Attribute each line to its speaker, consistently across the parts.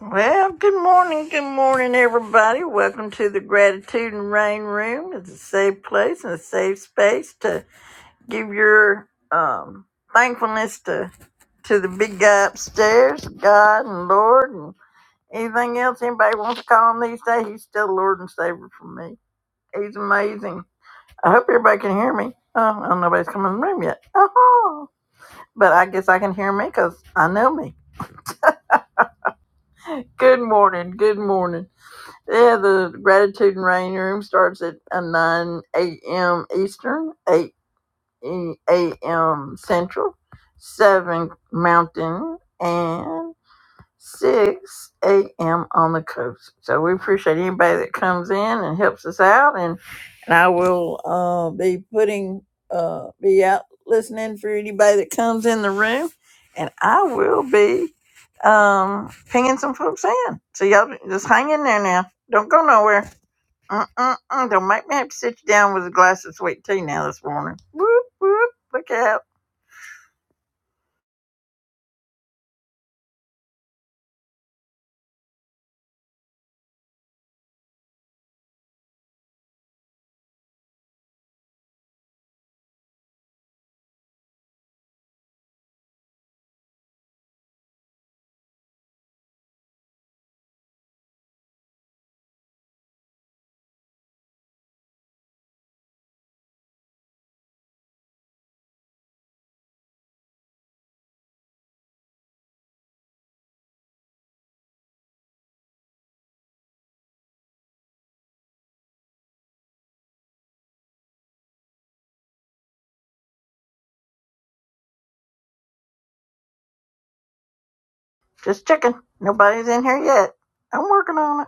Speaker 1: Well, good morning, good morning, everybody. Welcome to the Gratitude and Rain Room. It's a safe place and a safe space to give your um, thankfulness to, to the big guy upstairs, God and Lord, and anything else anybody wants to call him these days. He's still Lord and Savior for me. He's amazing. I hope everybody can hear me. Oh, I don't know if nobody's come in the room yet. Oh, but I guess I can hear me because I know me. Good morning, good morning. Yeah, the gratitude and rain room starts at uh, 9 a.m. Eastern, 8 e- a.m. Central, 7 Mountain, and 6 a.m. on the coast. So we appreciate anybody that comes in and helps us out. And, and I will uh, be putting, uh, be out listening for anybody that comes in the room. And I will be um, pinging some folks in. So y'all just hang in there now. Don't go nowhere. Mm-mm-mm. Don't make me have to sit you down with a glass of sweet tea now this morning. Whoop, whoop. Look out. Just checking. Nobody's in here yet. I'm working on it.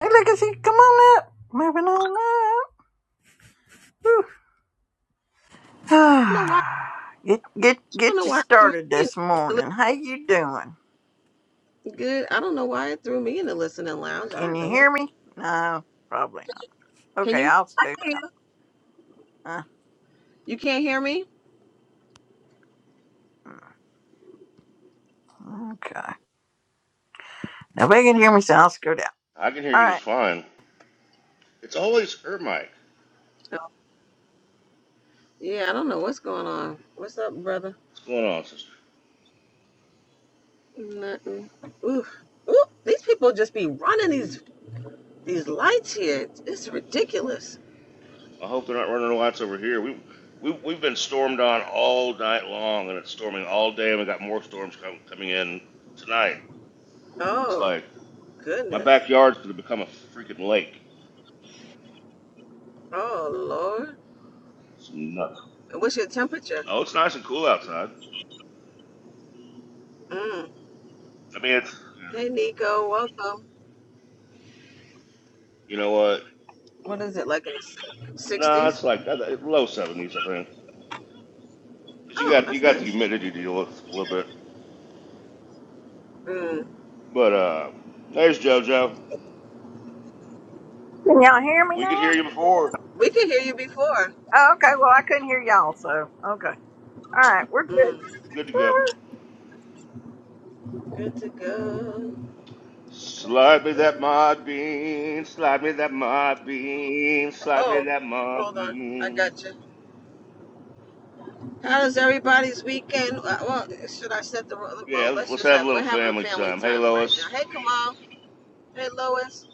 Speaker 1: Hey, Legacy, come on up. Moving on up.
Speaker 2: don't know why.
Speaker 1: get get
Speaker 2: I don't
Speaker 1: get
Speaker 2: know
Speaker 1: you
Speaker 2: why it threw
Speaker 1: started
Speaker 2: me in.
Speaker 1: this
Speaker 2: It
Speaker 1: morning. How you doing?
Speaker 2: looked Good. I don't know why it threw me in the listening lounge. I
Speaker 1: Can you
Speaker 2: don't.
Speaker 1: hear me? No, probably not.
Speaker 2: Can
Speaker 1: Okay,
Speaker 2: you?
Speaker 1: I'll
Speaker 2: I
Speaker 1: scoot
Speaker 2: can.
Speaker 1: out.
Speaker 2: You can't hear me?
Speaker 1: Uh, okay, nobody can hear me, so I'll scoot out.
Speaker 3: I can hear
Speaker 1: All
Speaker 3: you just
Speaker 1: right.
Speaker 3: fine. It's always her mic.
Speaker 2: Oh, yeah. I don't know what's going on. What's up, brother?
Speaker 3: What's going on, sister?
Speaker 2: Nothing. Ooh, ooh. These people just be running these these lights here. It's, it's ridiculous.
Speaker 3: I hope they're not running the lights over here. We, we, we've been stormed on all night long, and it's storming all day, and we got more storms com- coming in tonight. It's
Speaker 2: Oh
Speaker 3: like my
Speaker 2: goodness.
Speaker 3: backyard's going to become a freaking lake.
Speaker 2: Oh lord.
Speaker 3: It's nuts.
Speaker 2: And What's your temperature?
Speaker 3: Oh, it's nice and cool outside.
Speaker 2: Mm.
Speaker 3: I mean, it's
Speaker 2: Hey, Nico. Welcome.
Speaker 3: you know what? Uh,
Speaker 2: What is it like in the
Speaker 3: No, nah,
Speaker 2: sixties?
Speaker 3: it's like uh, low seventies, I think. 'Cause you
Speaker 2: Oh,
Speaker 3: got you
Speaker 2: that's
Speaker 3: got the
Speaker 2: nice.
Speaker 3: humidity to deal with a little bit.
Speaker 2: Mm.
Speaker 3: But uh, there's JoJo.
Speaker 1: Can y'all hear me
Speaker 3: We could
Speaker 1: now?
Speaker 3: hear you before.
Speaker 2: We could hear you before.
Speaker 1: Oh, okay. Well, I couldn't hear y'all, so okay. All right, we're good.
Speaker 2: Mm.
Speaker 3: Good to go.
Speaker 2: Good to go. Good to
Speaker 3: Slide me that
Speaker 2: go.
Speaker 3: mod bean, slide me that mod bean, slide me
Speaker 2: Oh,
Speaker 3: that mod
Speaker 2: hold on. I
Speaker 3: bean.
Speaker 2: got you. How's everybody's weekend? Uh, Well, should I set the well?
Speaker 3: Yeah, let's
Speaker 2: Let's
Speaker 3: let's
Speaker 2: just
Speaker 3: have a
Speaker 2: have
Speaker 3: little
Speaker 2: we're having
Speaker 3: family
Speaker 2: family
Speaker 3: time. Hey,
Speaker 2: time right now.
Speaker 3: Lois,
Speaker 2: Hey, Kamal. Hey, Lois.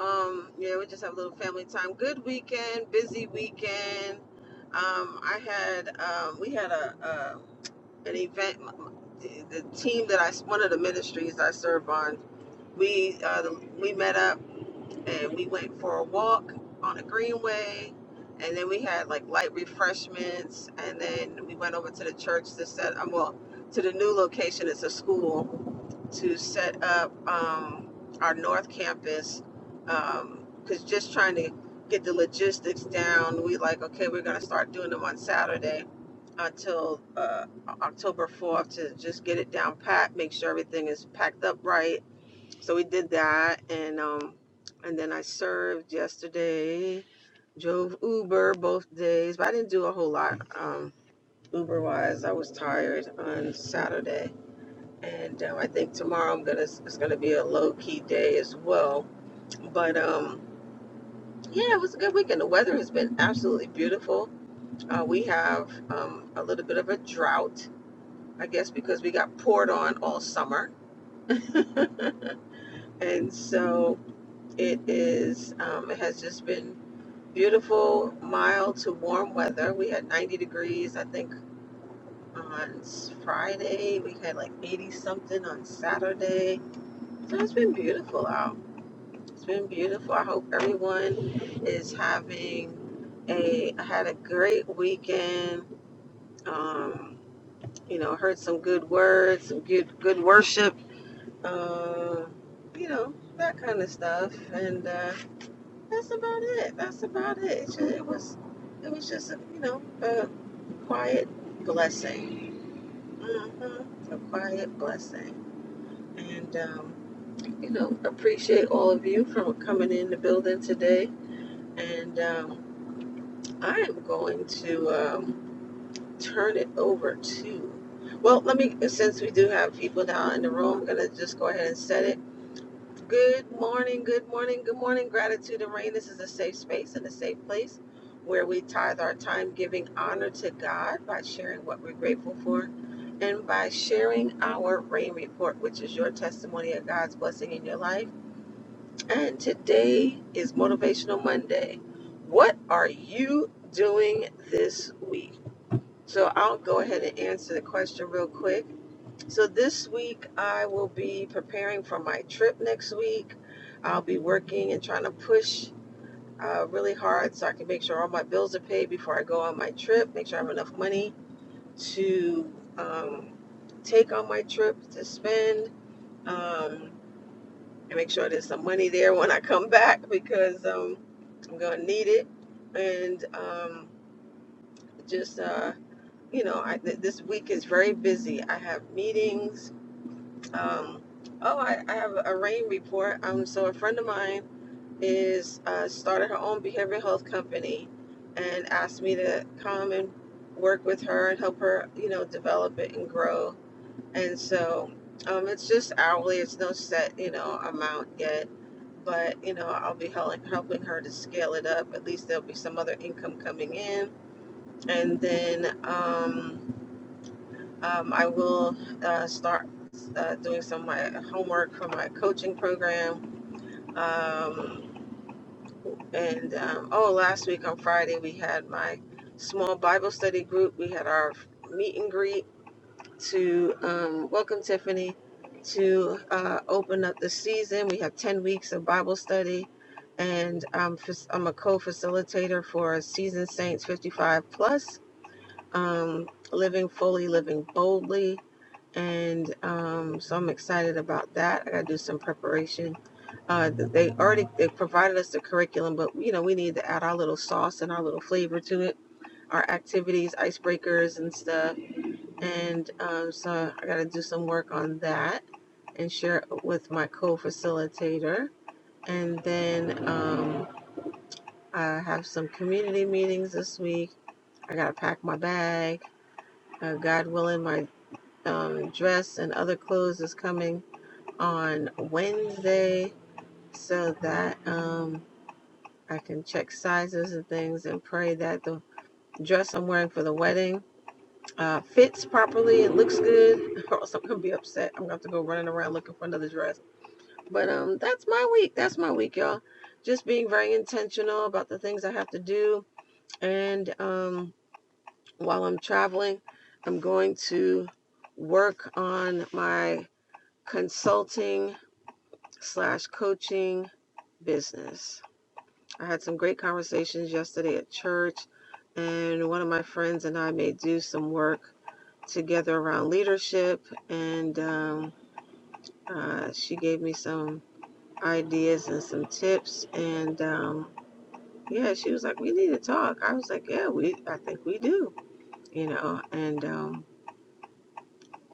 Speaker 2: Um, yeah, we just have a little family time. Good weekend. Busy weekend. Um, I had um, we had a, a an event. The the team that I one of the ministries I serve on, we uh, we met up and we went for a walk on the greenway and then we had like light refreshments and then we went over to the church to set um, well to the new location it's a school to set up um, our north campus because just trying to get the logistics down we like okay we're going to start doing them on saturday until uh, october 4th to just get it down pat make sure everything is packed up right so we did that, and um, and then I served yesterday. Drove Uber both days, but I didn't do a whole lot um, Uber wise. I was tired on Saturday, and um, I think tomorrow I'm gonna it's gonna be a low key day as well. But um, yeah, it was a good weekend. The weather has been absolutely beautiful. Uh, we have um, a little bit of a drought, I guess, because we got poured on all summer, and so it is um, it has just been Beautiful, mild to warm weather. We had 90 degrees, I think, on Friday. We had like 80 something on Saturday. So it's been beautiful out. It's been beautiful. I hope everyone is having a I had a great weekend. Um, you know, heard some good words, some good good worship. Um, you know that kind of stuff, and uh, that's about it. That's about it. It was it was just you know. uh, quiet blessing. hmm A quiet blessing. And, um, you know, appreciate all of you for coming in the building today. And um, I am going to um, turn it over to, well, let me, since we do have people now in the room, I'm going to just go ahead and set it. Good morning, good morning, good morning. Gratitude and rain. This is a safe space and a safe place where we tithe our time giving honor to God by sharing what we're grateful for and by sharing our rain report, which is your testimony of God's blessing in your life. And today is Motivational Monday. What are you doing this week? So I'll go ahead and answer the question real quick so this week I will be preparing for my trip next week. I'll be working and trying to push uh, really hard so I can make sure all my bills are paid before I go on my trip. Make sure I have enough money to um, take on my trip to spend, um, and make sure there's some money there when I come back because um, I'm gonna need it. And um, just uh, you know, I, th- this week is very busy. I have meetings. Um, oh, I, I have a rain report. Um, so a friend of mine is uh, started her own behavioral health company, and asked me to come and work with her and help her, you know, develop it and grow. And so, um, it's just hourly. It's no set, you know, amount yet. But you know, I'll be helping helping her to scale it up. At least there'll be some other income coming in, and then. Um, um, I will uh, start uh, doing some of my homework for my coaching program. Um, and um, oh, last week on Friday, we had my small Bible study group. We had our meet and greet to um, welcome Tiffany to uh, open up the season. We have 10 weeks of Bible study. And um, I'm a co facilitator for Season Saints 55 Plus um, Living Fully, Living Boldly. And um, so I'm excited about that. I got to do some preparation. Uh, they already they provided us the curriculum, but you know we need to add our little sauce and our little flavor to it. Our activities, icebreakers, and stuff. And um, so I got to do some work on that and share it with my co-facilitator. And then um, I have some community meetings this week. I got to pack my bag. Uh, God willing, my um, dress and other clothes is coming on Wednesday so that um, I can check sizes and things and pray that the dress I'm wearing for the wedding uh, fits properly. It looks good, or else I'm going to be upset. I'm going to have to go running around looking for another dress. But um, that's my week. That's my week, y'all. Just being very intentional about the things I have to do. And um, while I'm traveling, I'm going to work on my consulting slash coaching business. I had some great conversations yesterday at church, and one of my friends and I may do some work together around leadership. And um, uh, she gave me some ideas and some tips. And um, yeah, she was like, "We need to talk." I was like, "Yeah, we. I think we do." You know, and um,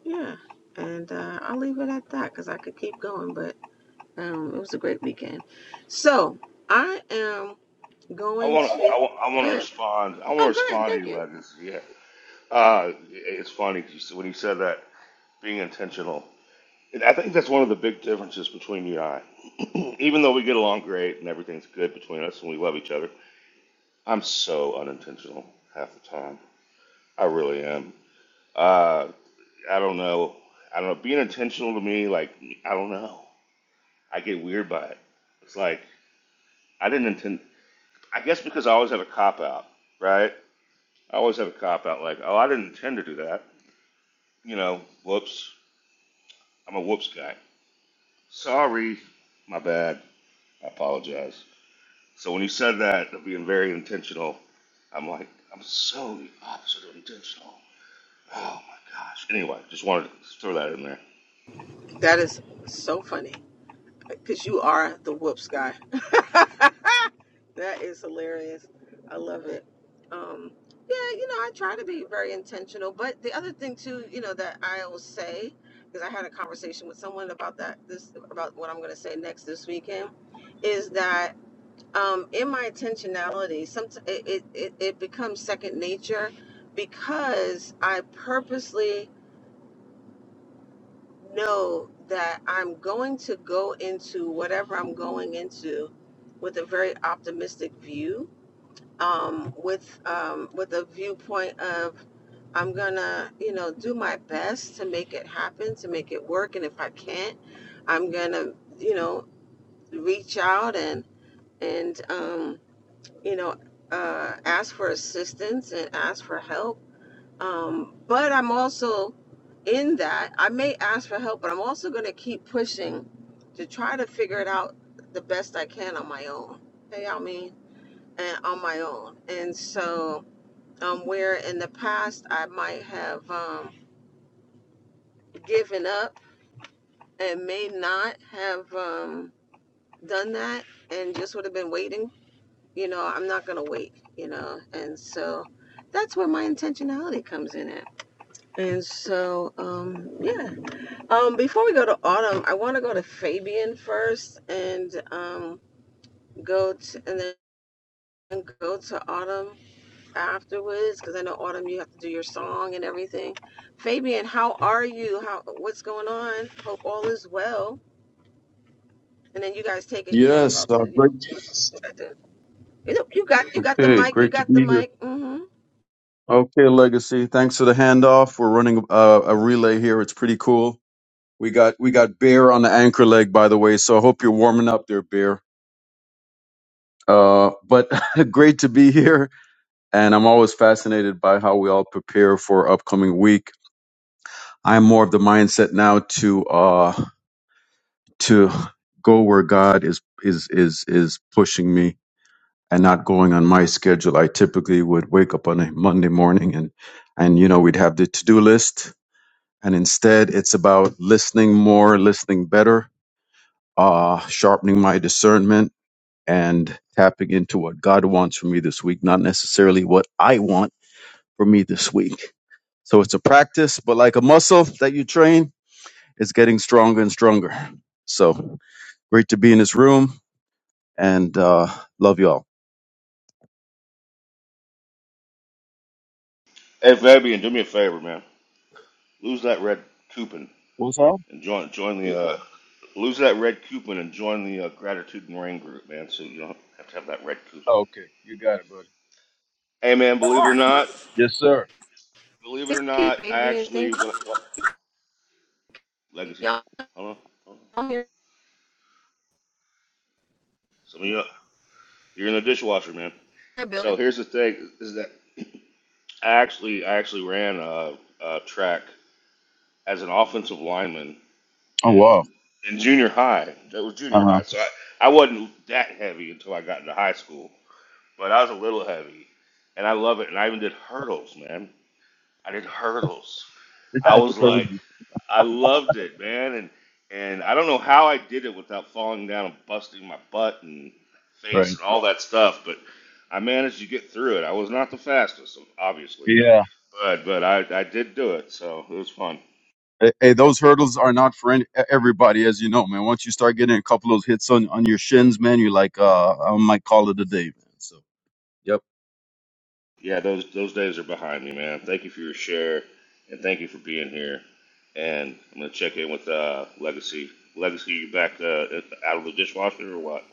Speaker 2: yeah, and uh, I'll leave it at that because I could keep going, but um, it was a great weekend. So I am
Speaker 3: I
Speaker 2: going
Speaker 3: wanna,
Speaker 2: to
Speaker 3: I wa- I
Speaker 2: go
Speaker 3: wanna
Speaker 2: ahead.
Speaker 3: respond. I wanna
Speaker 2: Oh, go ahead.
Speaker 3: respond to
Speaker 2: Thank
Speaker 3: you,
Speaker 2: you.
Speaker 3: Legacy. Yeah, uh, it's funny 'cause you said- when you said that being intentional. And I think that's one of the big differences between you and I. Even though we get along great and everything's good between us and we love each other, I'm so unintentional half the time. I really am. Uh, I don't know. I don't know. Being intentional to me, like I don't know. I get weird by it. It's like I didn't intend. I guess because I always have a cop out, right? I always have a cop out. Like, oh, I didn't intend to do that. You know, whoops. I'm a whoops guy. Sorry, my bad. I apologize. So when you said that, of being very intentional, I'm like, I'm so the opposite of intentional. Oh my gosh. Anyway, just wanted to throw that in there.
Speaker 2: That is so funny because you are the whoops guy. that is hilarious. I love it. Um, yeah, you know, I try to be very intentional, but the other thing too, you know, that I will say because I had a conversation with someone about that this about what I'm going to say next this weekend is that um, in my intentionality, some it, it it it becomes second nature because I purposely know that I'm going to go into whatever I'm going into with a very optimistic view, um, with um, with a viewpoint of I'm gonna, you know, do my best to make it happen, to make it work, and if I can't, I'm gonna, you know, reach out and and um, you know, uh, ask for assistance and ask for help um, but I'm also in that. I may ask for help, but I'm also going to keep pushing to try to figure it out the best I can on my own. You know what I mean? And on my own. And so, um, where in the past I might have um, given up and may not have um, done that and just would have been waiting, you know, I'm not going to wait, you know. And so that's where my intentionality comes in at. And so, um, yeah Um, before we go to Autumn, I want to go to Fabian first, and um, go to and then go to Autumn afterwards, because I know Autumn, you have to do your song and everything. Fabian, how are you? How what's going on? Hope all is well. And then you guys take it, because I'm
Speaker 4: Yes,
Speaker 2: about
Speaker 4: uh,
Speaker 2: to, you
Speaker 4: great.
Speaker 2: know, You know, you got you got the
Speaker 4: Okay,
Speaker 2: mic. You
Speaker 4: great to
Speaker 2: got the
Speaker 4: be here.
Speaker 2: mic. mm hmm
Speaker 4: Okay, Legacy. Thanks for the handoff. We're running uh, a relay here. It's pretty cool. We got we got Bear on the anchor leg, by the way. So I hope you're warming up there, Bear. Uh, but great to be here. And I'm always fascinated by how we all prepare for upcoming week. I'm more of the mindset now to uh to go where God is is is is pushing me and not going on my schedule. I typically would wake up on a Monday morning and, and, you know, we'd have the to do list. And instead, it's about listening more, listening better, uh, sharpening my discernment and tapping into what God wants from me this week, not necessarily what I want for me this week. So it's a practice, but like a muscle that you train, it's getting stronger and stronger. So great to be in this room and uh, love y'all.
Speaker 3: Hey, Fabian, do me a favor, man. Lose that red coupon
Speaker 4: What's up?
Speaker 3: And join join the uh, lose that red coupon and join the uh, gratitude and rain group, man. So you don't have to have that red coupon.
Speaker 4: Okay, you got it, buddy.
Speaker 3: Hey, man, believe it or not,
Speaker 4: Yes, sir.
Speaker 3: believe it or
Speaker 2: Thank you,
Speaker 3: not, I
Speaker 2: Fabian.
Speaker 3: actually
Speaker 2: Thank
Speaker 3: what, what
Speaker 2: you,
Speaker 3: legacy?
Speaker 2: y'all.
Speaker 3: Hold on, hold on.
Speaker 2: Here,
Speaker 3: Some of you you're in the dishwasher, man.
Speaker 2: Billy.
Speaker 3: So here's the thing: is that I actually I actually ran a, a track as an offensive lineman
Speaker 4: Oh
Speaker 3: in
Speaker 4: wow.
Speaker 3: in junior high. That was
Speaker 4: Uh
Speaker 3: junior
Speaker 4: huh.
Speaker 3: high. So I, I wasn't that heavy until I got into high school, but I was a little heavy, and I love it. And I even did hurdles, man. I did hurdles. I
Speaker 4: That's
Speaker 3: was like,
Speaker 4: crazy.
Speaker 3: I loved it, man, and and I don't know how I did it without falling down and busting my butt and face
Speaker 4: Right.
Speaker 3: and all that stuff, but I managed to get through it. I was not the fastest, obviously,
Speaker 4: Yeah.
Speaker 3: but but I, I did do it, so it was fun.
Speaker 4: Hey, hey, those hurdles are not for any, e, everybody, as you know, man. Once you start getting a couple of those hits on, on your shins, man, you're like, uh, I might call it a day, man. So, yep.
Speaker 3: Yeah, those those days are behind me, man. Thank you for your share, and thank you for being here. And I'm gonna check in with uh, Legacy. Legacy, you back uh, out of the dishwasher or what?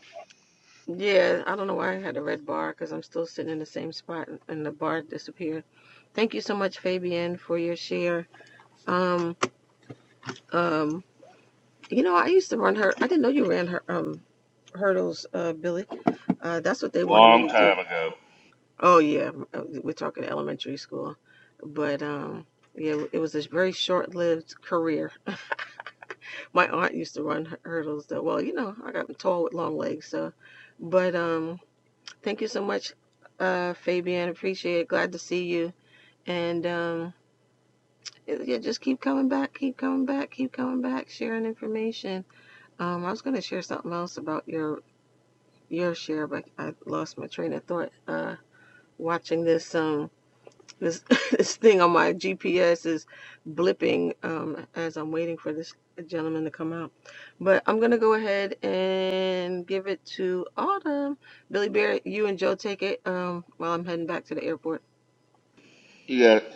Speaker 2: Yeah, I don't know why I had a red bar because I'm still sitting in the same spot and the bar disappeared. Thank you so much, Fabian, for your share. Um, um, you know, I used to run her. I didn't know you ran her um hurdles, uh, Billy. Uh, that's what they wanted me
Speaker 3: Long
Speaker 2: to do.
Speaker 3: time ago.
Speaker 2: Oh yeah, uh, we're talking elementary school, but um, yeah, it was a very short-lived career. My aunt used to run hur- hurdles though. Well, you know, I got tall with long legs, so, but um. Thank you so much, uh, Fabian. Appreciate it. Glad to see you. And um, yeah, just keep coming back, keep coming back, keep coming back, sharing information. Um, I was going to share something else about your your share, but I lost my train of thought. Uh, watching this um this this thing on my GPS is blipping um as I'm waiting for this gentleman to come out. But I'm gonna go ahead and give it to Autumn. Billy Bear, you and Joe take it um while I'm heading back to the airport.
Speaker 3: You got it.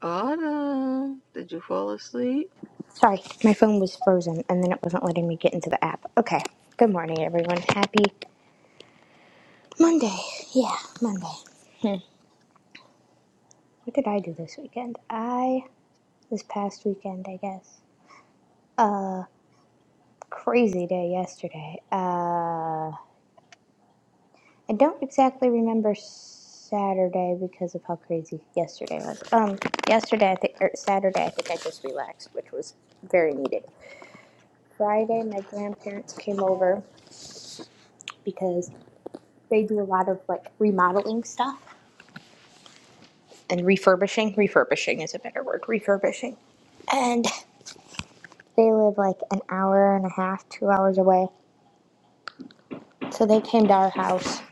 Speaker 2: Autumn, did you fall asleep?
Speaker 5: Sorry, my phone was frozen and then it wasn't letting me get into the app. Okay. Good morning, everyone. Happy Monday. Yeah, Monday. What did I do this weekend? I, this past weekend, I guess. Uh, crazy day yesterday. Uh, I don't exactly remember Saturday because of how crazy yesterday was. Um, yesterday, I think, or Saturday, I think I just relaxed, which was very needed. Friday, my grandparents came over because they do a lot of like remodeling stuff. and refurbishing. Refurbishing is a better word. Refurbishing. And they live like an hour and a half, two hours away. So they came to our house.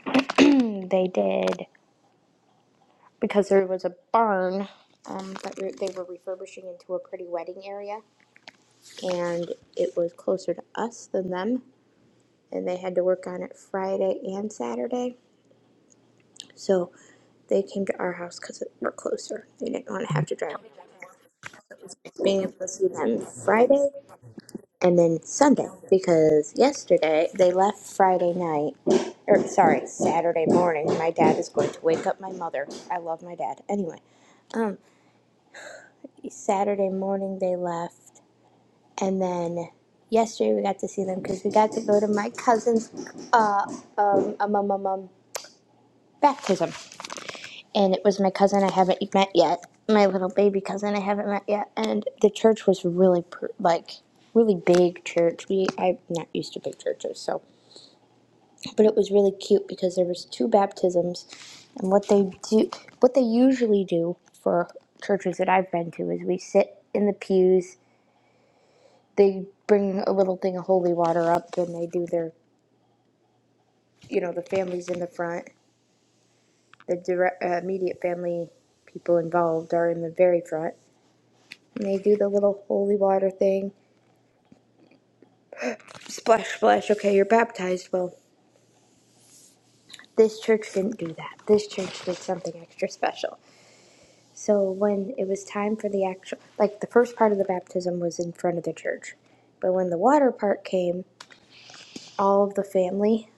Speaker 5: They did because there was a barn um, that we- they were refurbishing into a pretty wedding area, and it was closer to us than them. And they had to work on it Friday and Saturday, so they came to our house because we're closer. They didn't want to have to drive being able to see them Friday and then Sunday because yesterday they left Friday night, or sorry, Saturday morning. My dad is going to wake up my mother. I love my dad. Anyway, um, Saturday morning they left, and then yesterday we got to see them because we got to go to my cousin's uh um um um, um, um baptism, and it was my cousin I haven't met yet, my little baby cousin I haven't met yet, and the church was really pr- like really big church. We I'm not used to big churches, so. but it was really cute because there was two baptisms and what they do what they usually do for churches that I've been to is we sit in the pews they bring a little thing of holy water up and they do their you know the families in the front the direct, uh, immediate family people involved are in the very front and they do the little holy water thing splash splash okay you're baptized well this church didn't do that this church did something extra special So when it was time for the actual, like the first part of the baptism was in front of the church, but when the water part came, all of the family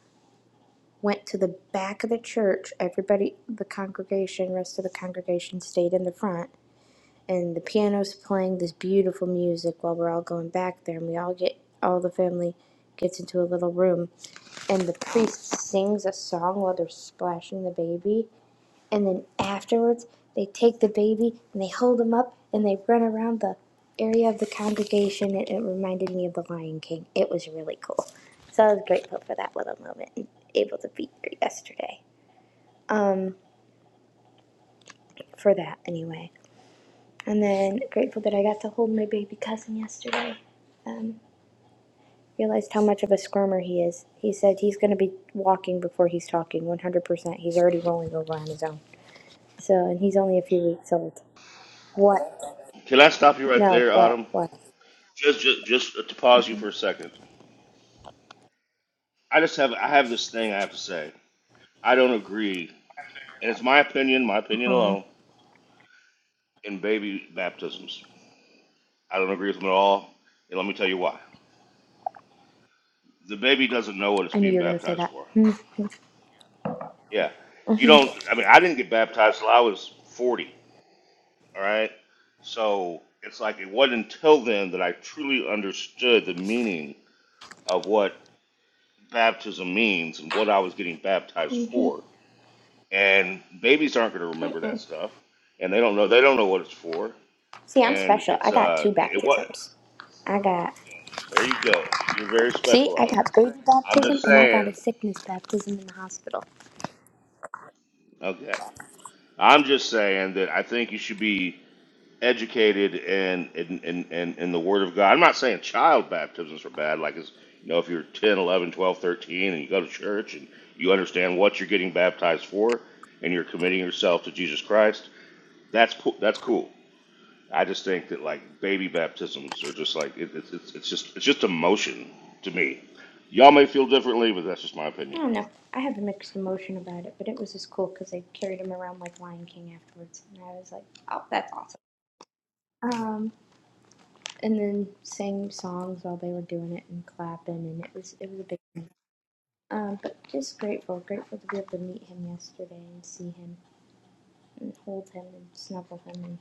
Speaker 5: went to the back of the church. Everybody, the congregation, rest of the congregation stayed in the front, and the piano's playing this beautiful music while we're all going back there, and we all get all the family gets into a little room, and the priest sings a song while they're splashing the baby, and then afterwards, they take the baby and they hold him up and they run around the area of the congregation. And it reminded me of the Lion King. It was really cool. So I was grateful for that little moment and able to be here yesterday for that anyway. And then grateful that I got to hold my baby cousin yesterday. Um, realized how much of a squirmer he is. He said he's going to be walking before he's talking 100%. He's already rolling over on his own. So, and he's only a few weeks old. What?
Speaker 3: Can I stop you right
Speaker 5: No,
Speaker 3: there,
Speaker 5: what?
Speaker 3: Autumn?
Speaker 5: What?
Speaker 3: Just, just, just to
Speaker 5: Uh-huh.
Speaker 3: pause you for a second. I just have, I have this thing I have to say. I don't agree, and it's my opinion, my opinion
Speaker 5: Oh,
Speaker 3: alone, in baby baptisms. I don't agree with them at all, and let me tell you why. The baby doesn't know what it's
Speaker 5: I knew
Speaker 3: being
Speaker 5: you were gonna say
Speaker 3: baptized
Speaker 5: that.
Speaker 3: for.
Speaker 5: Mhm,
Speaker 3: Yeah, you don't.
Speaker 5: mhm,
Speaker 3: I mean, I didn't get baptized till I was forty. All right, so it's like it wasn't until then that I truly understood the meaning of what baptism means and what I was getting baptized
Speaker 5: mhm,
Speaker 3: for. and babies aren't going to remember that
Speaker 5: mhm.
Speaker 3: stuff, and they don't know they don't know what it's for,
Speaker 5: See, I'm
Speaker 3: and
Speaker 5: special.
Speaker 3: it's
Speaker 5: I got
Speaker 3: uh
Speaker 5: two
Speaker 3: it, it what
Speaker 5: baptisms. I got
Speaker 3: there you go you're very
Speaker 5: see,
Speaker 3: special,
Speaker 5: I
Speaker 3: Autumn.
Speaker 5: got baby
Speaker 3: I'm
Speaker 5: baptism
Speaker 3: just
Speaker 5: and I got a
Speaker 3: saying
Speaker 5: sickness baptism in the hospital.
Speaker 3: okay. I'm just saying that I think you should be educated in in in, in, in the Word of God. I'm not saying child baptisms are bad, like it's you know if you're ten, eleven, twelve, thirteen, and you go to church and you understand what you're getting baptized for, and you're committing yourself to Jesus Christ. That's po- that's cool I just think that like baby baptisms are just like it, it's it's it's just it's just emotion to me. Y'all may feel differently, but that's just my
Speaker 5: I
Speaker 3: opinion.
Speaker 5: don't know. I have a mixed emotion about it, but it was just cool because they carried him around like Lion King afterwards, and I was like, "Oh, that's awesome." Um, and then sang songs while they were doing it and clapping, and it was it was a big. Thing. Um, but just grateful, grateful to be able to meet him yesterday and see him. and hold him and snuggle him and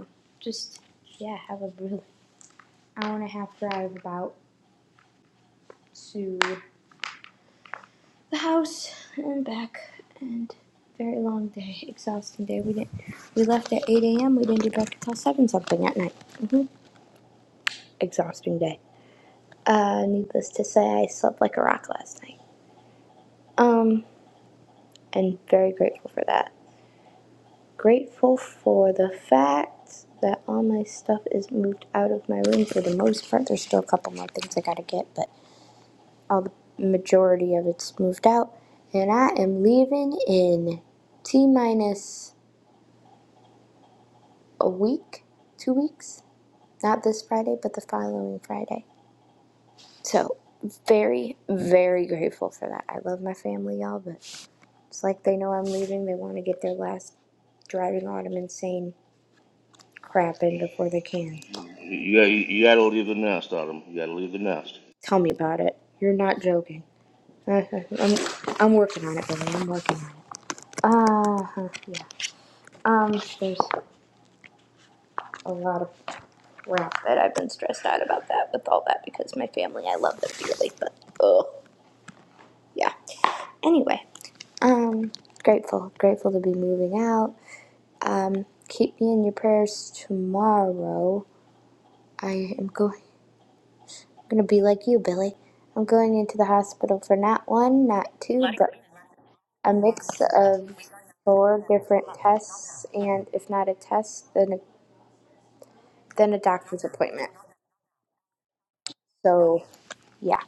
Speaker 5: um, just yeah have a really hour and a half drive about to the house and back and very long day exhausting day we didn't we left at 8 a.m we didn't get back until 7 something at night hmm exhausting day uh, needless to say i slept like a rock last night um, and very grateful for that Grateful for the fact that all my stuff is moved out of my room for the most part. There's still a couple more things I gotta get, but all the majority of it's moved out. And I am leaving in T minus a week, two weeks. Not this Friday, but the following Friday. So, very, very grateful for that. I love my family, y'all, but it's like they know I'm leaving. They want to get their last driving autumn insane crap in before they can.
Speaker 3: You got you got to leave the nest, Autumn. You got to leave the nest.
Speaker 5: Tell me about it. You're not joking. Uh, I'm, I'm working on it, Billy. I'm working on it. Ah, Uh, huh, yeah. Um, there's a lot of crap that I've been stressed out about that with all that because my family, I love them dearly, but oh, yeah. Anyway, um, grateful, grateful to be moving out. Um, keep me in your prayers tomorrow. I am going, gonna be like you, Billy. I'm going into the hospital for not one, not two, but a mix of four different tests, and if not a test, then a, then a doctor's appointment. So yeah,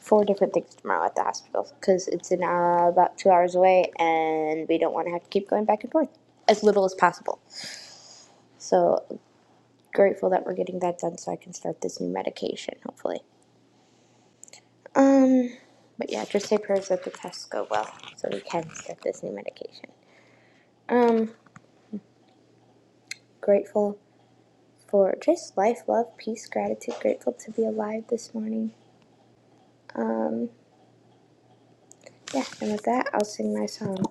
Speaker 5: four different things tomorrow at the hospital because it's in hour, about two hours away, and we don't want to have to keep going back and forth as little as possible. So grateful that we're getting that done, so I can start this new medication hopefully. Um, but yeah, just say prayers that the tests go well, so we can start this new medication. Um, grateful for just life, love, peace, gratitude. Grateful to be alive this morning. Um, yeah, and with that, I'll sing my song.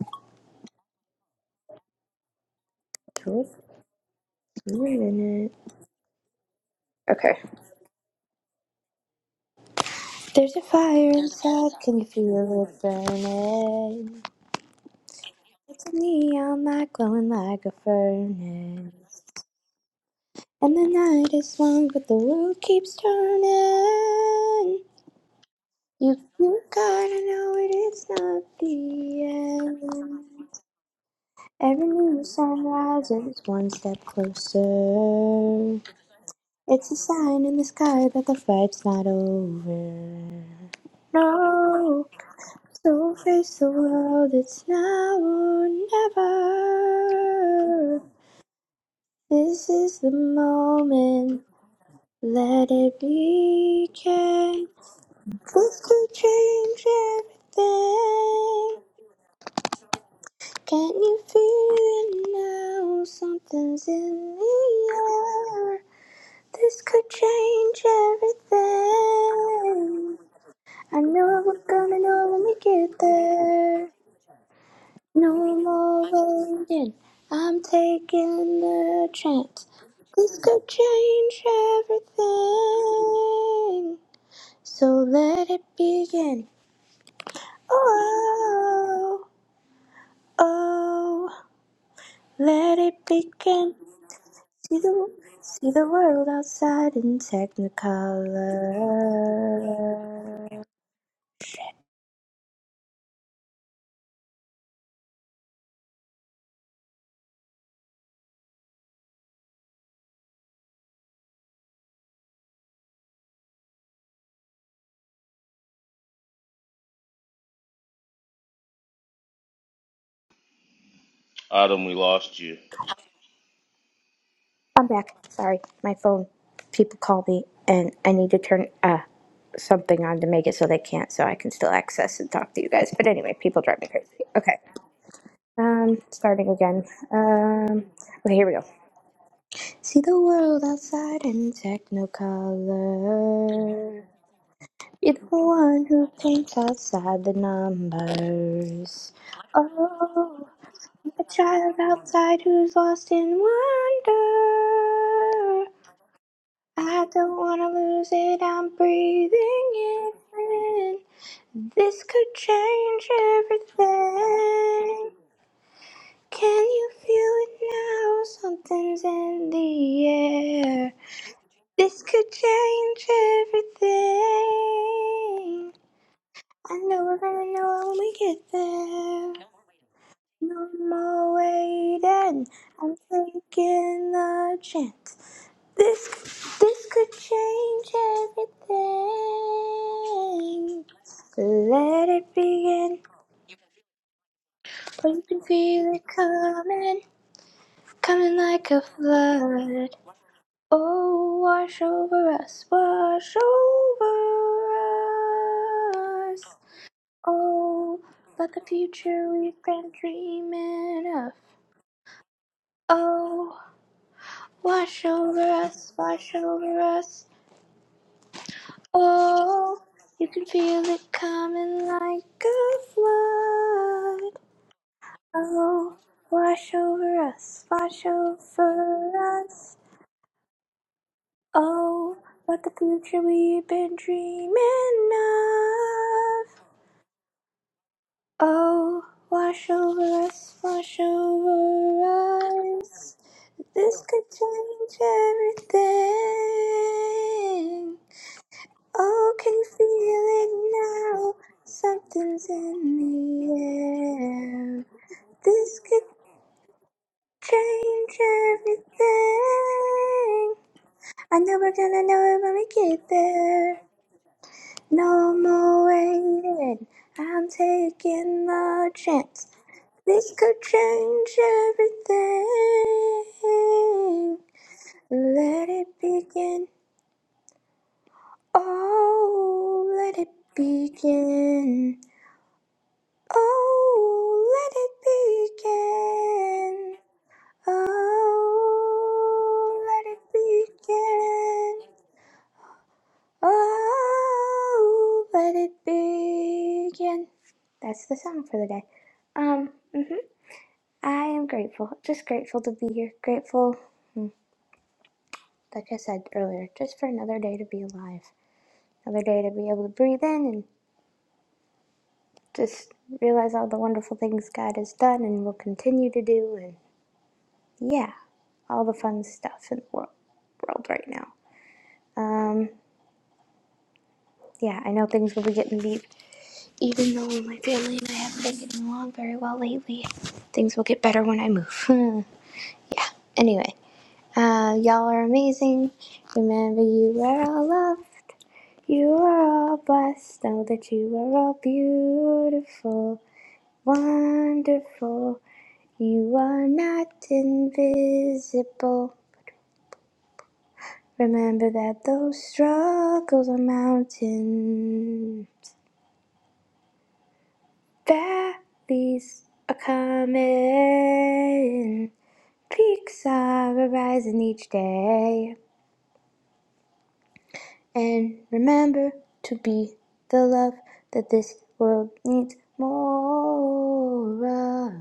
Speaker 5: Just a minute. Okay. There's a fire inside. Can you feel it burning? It's a neon light glowing like a furnace. And the night is long, but the world keeps turning. You, you gotta know it, it's not the end. Every new sun rises one step closer. It's a sign in the sky that the fight's not over. No, so face the world, it's now or never. This is the moment, let it be. begin. This could change everything. Can you feel it now? Something's in the air. This could change everything. I know we're gonna know when we get there. No more waiting. I'm taking the chance. This could change everything. So let it begin. Oh, oh, let it begin. See the see the world outside in Technicolor.
Speaker 3: Autumn, we lost you.
Speaker 5: I'm back. Sorry, my phone. People call me, and I need to turn uh something on to make it so they can't, so I can still access and talk to you guys. But anyway, people drive me crazy. Okay. Um, starting again. Um, okay, here we go. See the world outside in technicolor. You're the one who paints outside the numbers. Oh, i a child outside who's lost in wonder. I don't wanna lose it, I'm breathing it in. This could change everything. Can you feel it now? Something's in the air. This could change everything. I know we're gonna know when we get there. No more waiting, I'm taking the chance. This this could change everything. Let it begin. But you can feel it coming, coming like a flood. Oh, wash over us, wash over us. Oh, let the future we've been dreaming of. Oh, wash over us, wash over us. Oh, you can feel it coming like a flood. Oh, wash over us, wash over us. Oh, what the future we've been dreaming of. Oh, wash over us, wash over us. This could change everything. Oh, can you feel it now? Something's in the air. This could change everything. I know we're gonna know it when we get there. No more waiting. I'm taking the chance. This could change everything. Let it begin. Oh, let it begin. Oh, let it begin. Oh, let it begin. Oh, let it begin. That's the song for the day. Um, hmm I am grateful. Just grateful to be here. Grateful, hmm, like I said earlier, just for another day to be alive. Another day to be able to breathe in and just realize all the wonderful things God has done and will continue to do. Yeah, all the fun stuff in the world, world right now. Um, yeah, I know things will be getting deep. Even though my family and I haven't been getting along very well lately, things will get better when I move. yeah, anyway, uh, y'all are amazing. Remember, you are all loved. You are all blessed. Know that you are all beautiful, wonderful. You are not invisible. Remember that those struggles are mountains, valleys are coming, peaks are arising each day. And remember to be the love that this world needs more of.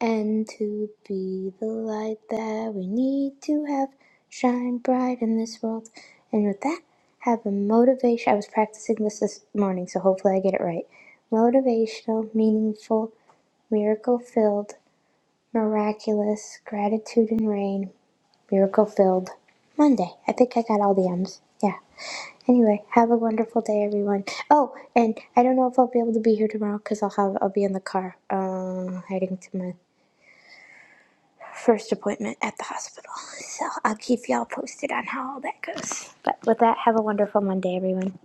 Speaker 5: and to be the light that we need to have shine bright in this world. And with that, have a motivation. I was practicing this this morning, so hopefully I get it right. Motivational, meaningful, miracle filled, miraculous, gratitude and rain, miracle filled. Monday. I think I got all the M's. Yeah. Anyway, have a wonderful day, everyone. Oh, and I don't know if I'll be able to be here tomorrow because I'll have I'll be in the car, uh, heading to my first appointment at the hospital. So I'll keep y'all posted on how all that goes. But with that, have a wonderful Monday, everyone.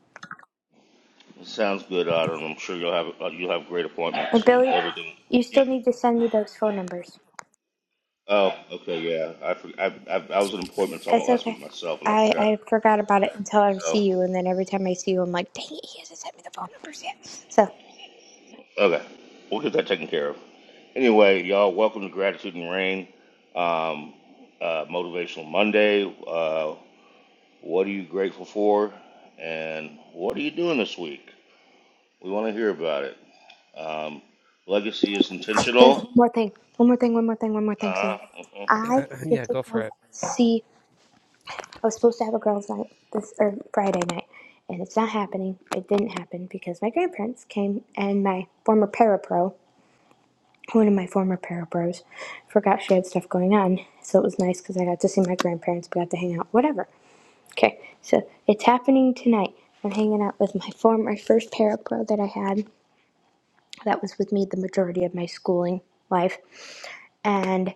Speaker 3: Sounds good, Autumn. I'm sure you'll have uh, you'll have great
Speaker 5: And
Speaker 3: appointments and
Speaker 5: Billy,
Speaker 3: everything.
Speaker 5: you
Speaker 3: Yep.
Speaker 5: still need to send me those phone numbers.
Speaker 3: Oh, okay, yeah. I for, I, I I was in appointments
Speaker 5: It's
Speaker 3: almost last
Speaker 5: okay.
Speaker 3: week myself, and I
Speaker 5: I,
Speaker 3: forgot.
Speaker 5: I forgot about it until I
Speaker 3: So
Speaker 5: see you, and then every time I see you, I'm like, dang it, he hasn't sent me the phone numbers yet. So
Speaker 3: Okay, we'll get that taken care of. Anyway, y'all, welcome to Gratitude and Rain, um, uh, Motivational Monday. Uh, what are you grateful for, and what are you doing this week? We want to hear about it. Um, legacy is
Speaker 5: there's
Speaker 3: intentional.
Speaker 5: one more thing, one more thing, one more thing, one more thing. So
Speaker 3: Uh, uh-uh.
Speaker 5: I
Speaker 6: Uh,
Speaker 5: get
Speaker 6: yeah,
Speaker 5: to
Speaker 6: go for
Speaker 5: go
Speaker 6: it.
Speaker 5: see. I was supposed to have a girls' night this or Friday night, and it's not happening. It didn't happen because my grandparents came and my former parapro one of my former para bros forgot she had stuff going on so it was nice because i got to see my grandparents we got to hang out whatever okay so it's happening tonight i'm hanging out with my former first para pro that i had that was with me the majority of my schooling life and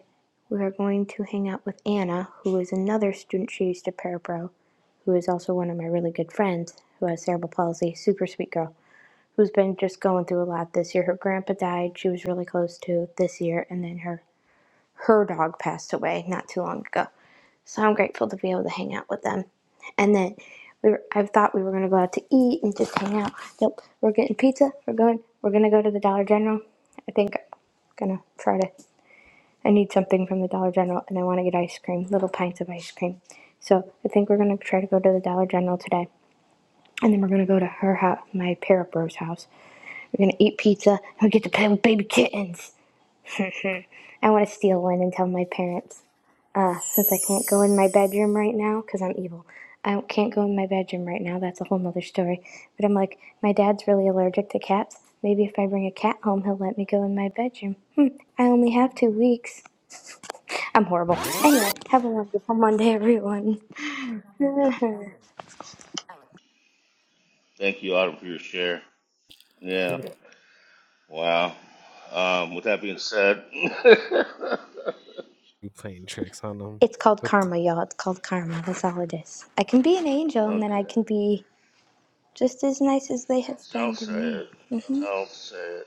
Speaker 5: we are going to hang out with anna who is another student she used to para pro who is also one of my really good friends who has cerebral palsy super sweet girl who's been just going through a lot this year her grandpa died she was really close to this year and then her her dog passed away not too long ago. So I'm grateful to be able to hang out with them. And then we were, I thought we were going to go out to eat and just hang out. Nope, we're getting pizza. We're going. We're going to go to the Dollar General. I think I'm going to try to. I need something from the Dollar General and I want to get ice cream, little pints of ice cream. So I think we're going to try to go to the Dollar General today. And then we're going to go to her house, my parrot bro's house. We're going to eat pizza and we get to play with baby kittens. I want to steal one and tell my parents. Uh, since I can't go in my bedroom right now, 'cause I'm evil, I can't go in my bedroom right now. That's a whole nother story. But I'm like, my dad's really allergic to cats. Maybe if I bring a cat home, he'll let me go in my bedroom. Hmm, I only have two weeks. I'm horrible. Anyway, have a wonderful Monday, everyone.
Speaker 3: Thank you, Autumn, for your share. Yeah, wow. Um, with that being said,
Speaker 6: You playing tricks on them?
Speaker 5: it's called
Speaker 6: What? The,
Speaker 5: karma, y'all. It's called karma. That's all it is. I can be an angel, and then
Speaker 3: okay,
Speaker 5: I can be just as nice as they have
Speaker 3: don't
Speaker 5: been to
Speaker 3: say
Speaker 5: me.
Speaker 3: it. Don't say it.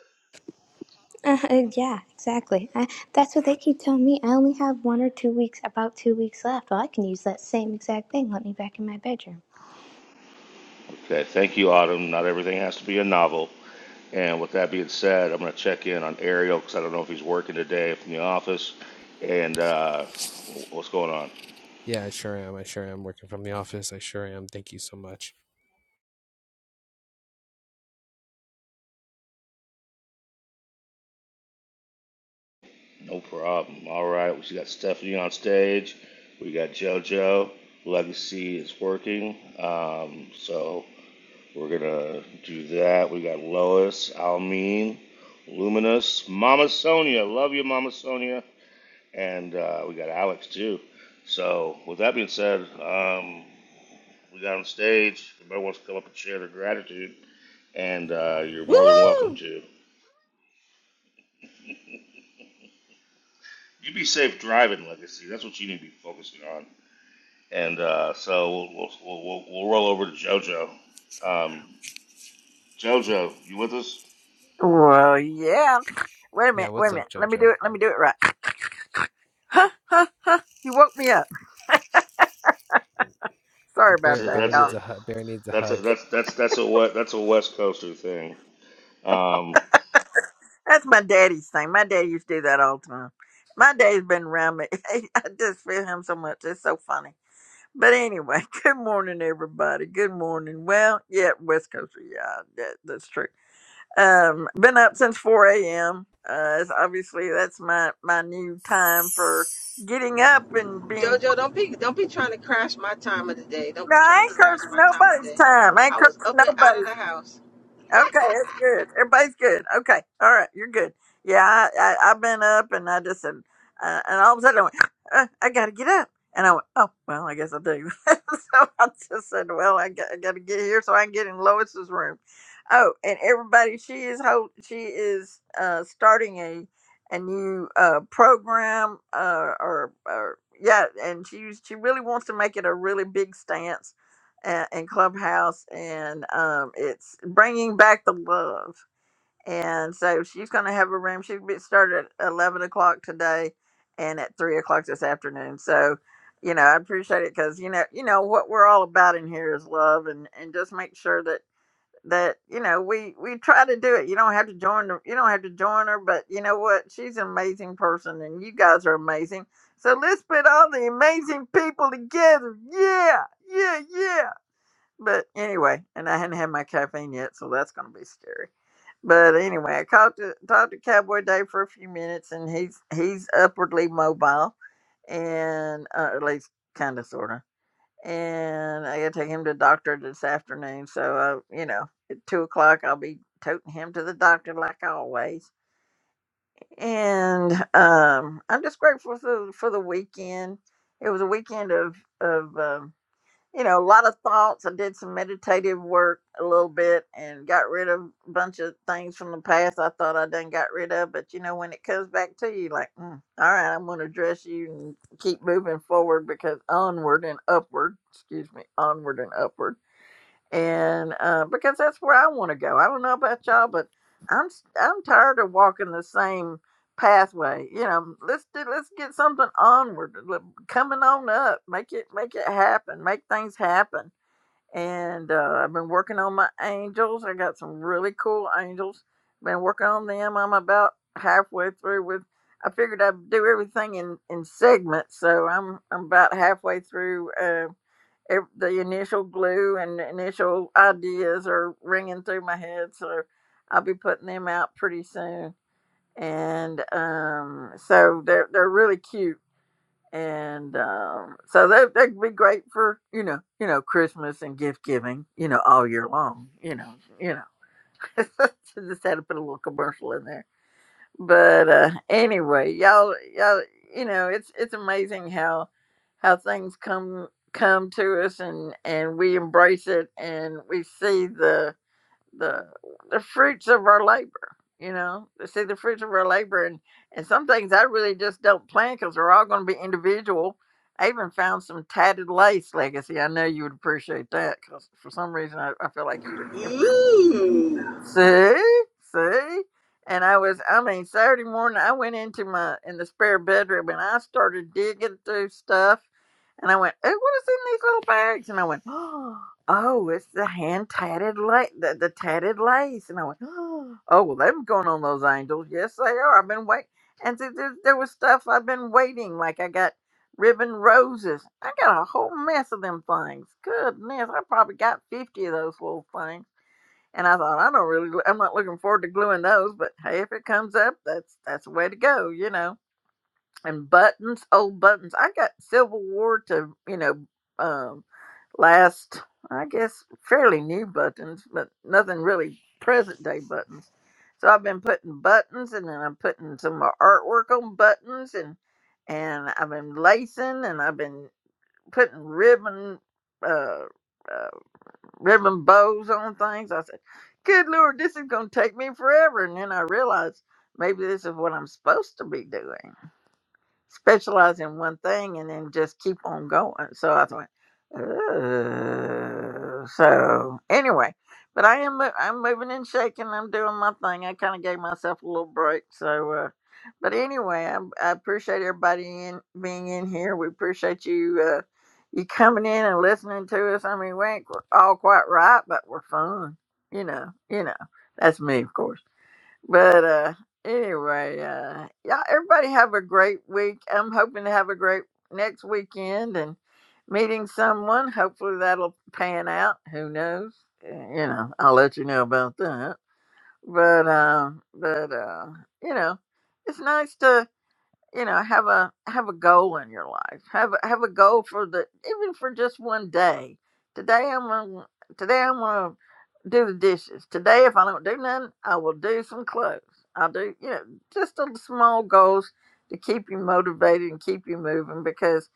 Speaker 5: Uh, yeah, exactly. I, that's what they keep telling me. I only have one or two weeks, about two weeks left. Well, I can use that same exact thing. Let me back in my bedroom.
Speaker 3: Okay, thank you, Autumn. Not everything has to be a novel. And with that being said, I'm going to check in on Ariel because I don't know if he's working today from the office and uh, what's going on.
Speaker 6: yeah, I sure am. I sure am working from the office. I sure am. Thank you so much.
Speaker 3: No problem. All right. We got Stephanie on stage. We got JoJo. Legacy is working. Um, so we're going to do that. We got Lois, Almeen, Luminous, Mama Sonia. Love you, Mama Sonia. And uh, we got Alex too. So with that being said, um, We got on stage. If Everybody wants to come up and share their gratitude, and uh, you're more than welcome
Speaker 2: Woo!
Speaker 3: to. You be safe driving, Legacy. That's what you need to be focusing on. And uh, so we'll, we'll, we'll, we'll roll over to JoJo. Um, JoJo, you with us?
Speaker 1: Well, yeah. Wait a
Speaker 6: Yeah,
Speaker 1: minute. Wait
Speaker 6: what's
Speaker 1: a
Speaker 6: up,
Speaker 1: minute. Let me
Speaker 6: Jojo?
Speaker 1: do it. Let me do it right. Huh, huh, huh. You woke me up. Sorry
Speaker 6: Bear,
Speaker 1: about that,
Speaker 6: Bear
Speaker 3: That's
Speaker 6: needs
Speaker 1: y'all.
Speaker 3: a
Speaker 6: a hug. Bear needs a
Speaker 3: that's a
Speaker 6: hug.
Speaker 3: that's that's that's a what that's a West Coaster thing. Um,
Speaker 1: That's my daddy's thing. My dad used to do that all the time. My dad's been around me. I just feel him so much. It's so funny. But anyway, good morning, everybody. Good morning. Well, yeah, West Coast. Yeah, that, that's true. Um, been up since 4 a.m. Uh, it's obviously, that's my, my new time for getting up and being.
Speaker 2: Jojo, don't be don't be trying to crash my time of the day. Don't
Speaker 1: No,
Speaker 2: be trying to
Speaker 1: I ain't
Speaker 2: crash
Speaker 1: cursing
Speaker 2: my time of the
Speaker 1: nobody's
Speaker 2: day.
Speaker 1: time. I ain't
Speaker 2: I was
Speaker 1: cursing
Speaker 2: up and out of
Speaker 1: nobody's
Speaker 2: the house.
Speaker 1: Okay, that's good. Everybody's good. Okay, all right, you're good. Yeah, I, I I've been up and I just and uh, and all of a sudden I went, uh, I gotta get up, and I went, oh well, I guess I do. so I just said, well, I got, I gotta get here so I can get in Lois's room. Oh, and everybody, she is ho- she is uh starting a a new uh program uh or or yeah, and she she really wants to make it a really big stance and, and Clubhouse, and um, it's bringing back the love. And so she's going to have a room. She will started at eleven o'clock today, and at three o'clock this afternoon. So, you know, I appreciate it because you know, you know what we're all about in here is love, and and just make sure that that you know we we try to do it. You don't have to join. her- You don't have to join her, but you know what? She's an amazing person, and you guys are amazing. So let's put all the amazing people together. Yeah, yeah, yeah. But anyway, and I hadn't had my caffeine yet, so that's gonna be scary. But anyway, I talked to talked to Cowboy Dave for a few minutes, and he's he's upwardly mobile, and uh, at least kind of sorta. And I got to take him to the doctor this afternoon, so uh, you know, at two o'clock I'll be toting him to the doctor like always. And um, I'm just grateful for for the weekend. It was a weekend of of um, you know, a lot of thoughts. I did some meditative work a little bit and got rid of a bunch of things from the past I thought I done got rid of. But you know, when it comes back to you, like, mm, all right, I'm going to address you and keep moving forward because onward and upward, excuse me, onward and upward and uh, because that's where I want to go. I don't know about y'all, but I'm s- I'm tired of walking the same pathway. You know, let's do let's get something onward, l- coming on up. Make it make it happen. Make things happen and uh, I've been working on my angels. I got some really cool angels. Been working on them. I'm about halfway through with. I figured I'd do everything in in segments, so I'm I'm about halfway through. Uh, ev- the initial glue and the initial ideas are ringing through my head, so I'll be putting them out pretty soon. And um, so they're they're really cute and um, so that that could be great for you know you know Christmas and gift giving you know all year long you know you know So just had to put a little commercial in there but uh, anyway y'all y'all you know it's it's amazing how how things come come to us and and we embrace it and we see the the the fruits of our labor. You know, to see the fruits of our labor, and and some things I really just don't plan because they're all going to be individual. I even found some tatted lace legacy. I know you would appreciate that because for some reason I, I feel like you would.
Speaker 2: Ooh.
Speaker 1: See, see, and I was, I mean, Saturday morning, I went into my in the spare bedroom and I started digging through stuff, and I went, "Oh, what is in these little bags?" And I went, "Oh, it's the hand tatted lace, the, the tatted lace," and I went, "Oh, well, they've been going on those angels. Yes, they are. I've been waiting, and th- there, there was stuff I've been waiting, like I got." Ribbon roses. I got a whole mess of them things. Goodness, I probably got 50 of those little things and I thought, I don't really, I'm not looking forward to gluing those, but hey, if it comes up, that's that's the way to go, you know. And buttons, old buttons. I got Civil War to, you know, um, last, I guess, fairly new buttons, but nothing really present day buttons. So I've been putting buttons, and then I'm putting some more artwork on buttons, and and I've been lacing, and I've been putting ribbon. Uh, uh, ribbon bows on things. I said, Good Lord, this is going to take me forever. And then I realized maybe this is what I'm supposed to be doing specialize in one thing and then just keep on going. So I thought, "Ugh." so anyway, but I am mo- I'm moving and shaking. I'm doing my thing. I kind of gave myself a little break. So, uh, but anyway, I, I appreciate everybody in being in here. We appreciate you. Uh, you coming in and listening to us. I mean, we ain't qu- all quite right, but we're fun. You know, you know. That's me, of course. But uh anyway, uh all everybody have a great week. I'm hoping to have a great next weekend and meeting someone. Hopefully that'll pan out. Who knows? Uh, You know, I'll let you know about that. But uh but uh you know, it's nice to you know have a have a goal in your life have a have a goal for the even for just one day today i'm gonna today i'm gonna do the dishes today if i don't do nothing i will do some clothes i'll do you know just little small goals to keep you motivated and keep you moving because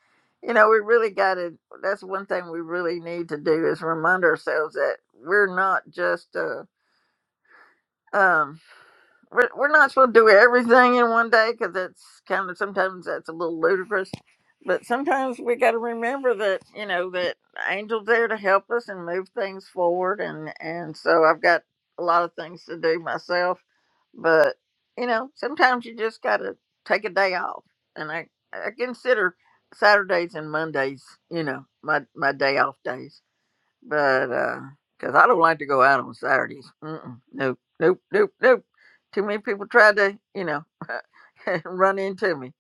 Speaker 1: you know we really got to that's one thing we really need to do is remind ourselves that we're not just a. um we're, we're not supposed to do everything in one day because that's kind of sometimes that's a little ludicrous. But sometimes we got to remember that you know that angels there to help us and move things forward. And and so I've got a lot of things to do myself, but you know sometimes you just got to take a day off. And I I consider Saturdays and Mondays you know my my day off days but because I don't like to go out on Saturdays. Mm-mm. Nope, nope, nope, nope. Too many people tried to, you know, run into me.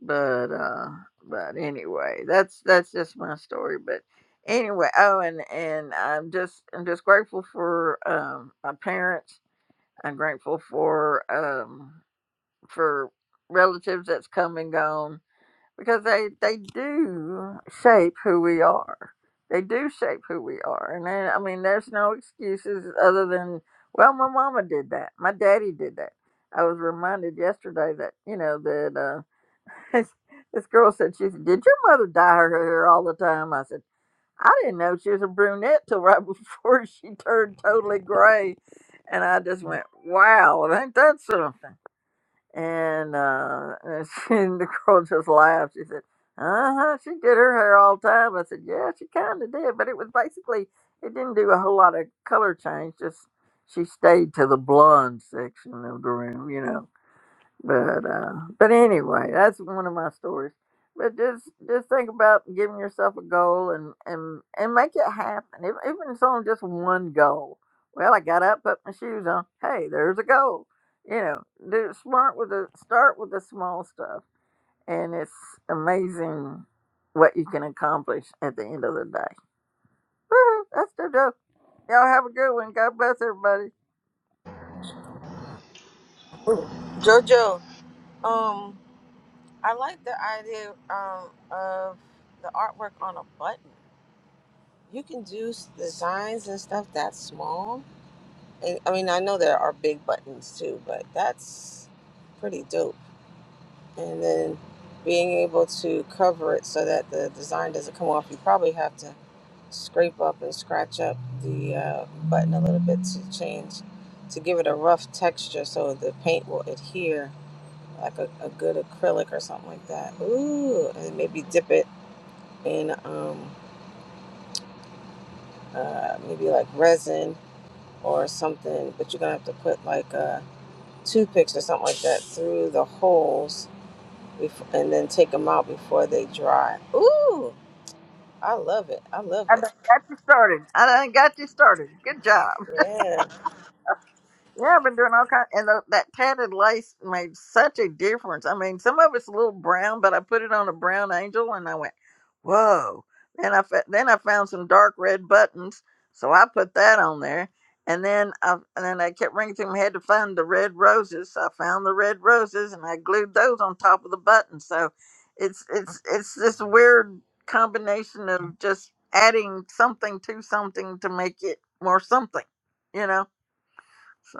Speaker 1: But uh, but anyway, that's that's just my story. But anyway, oh, and and I'm just I'm just grateful for um my parents. I'm grateful for um for relatives that's come and gone because they they do shape who we are. They do shape who we are, and then, I mean, there's no excuses other than well, my mama did that, my daddy did that. I was reminded yesterday that you know that uh, this girl said she said, "Did your mother dye her hair all the time?" I said, "I didn't know she was a brunette till right before she turned totally gray," and I just went, "Wow, ain't that something?" And, uh, and, she, and the girl just laughed. She said, "Uh huh." She did her hair all the time. I said, "Yeah, she kind of did, but it was basically it didn't do a whole lot of color change. Just she stayed to the blonde section of the room, you know." But uh, but anyway, that's one of my stories. But just just think about giving yourself a goal and and and make it happen. If, even if it's only just one goal. Well, I got up, put my shoes on. Hey, there's a goal. You know, do smart with the start with the small stuff, and it's amazing what you can accomplish at the end of the day. Woo, that's the joke. Y'all have a good one. God bless everybody.
Speaker 2: Jojo, um, I like the idea um, of the artwork on a button. You can do s- designs and stuff that small. And, I mean, I know there are big buttons too, but that's pretty dope. and then being able to cover it so that the design doesn't come off. You probably have to scrape up and scratch up the uh, button a little bit to change to give it a rough texture so the paint will adhere like a, a good acrylic or something like that. Ooh, maybe dip it in um, uh, maybe resin or something, but you're gonna have to put like uh, toothpicks or something like that through the holes before, and then take them out before they dry. Ooh, I love it. I love
Speaker 1: I
Speaker 2: it.
Speaker 1: done got you started. I done got you started. Good job. Yeah, I've been doing all kind, and tho- that tatted lace made such a difference. I mean, some of it's a little brown, but I put it on a brown angel, and I went, "Whoa!" Then I fa- then I found some dark red buttons, so I put that on there, and then I and then I kept ringing through my head to find the red roses. So I found the red roses, and I glued those on top of the buttons. So it's it's it's this weird combination of just adding something to something to make it more something, you know. So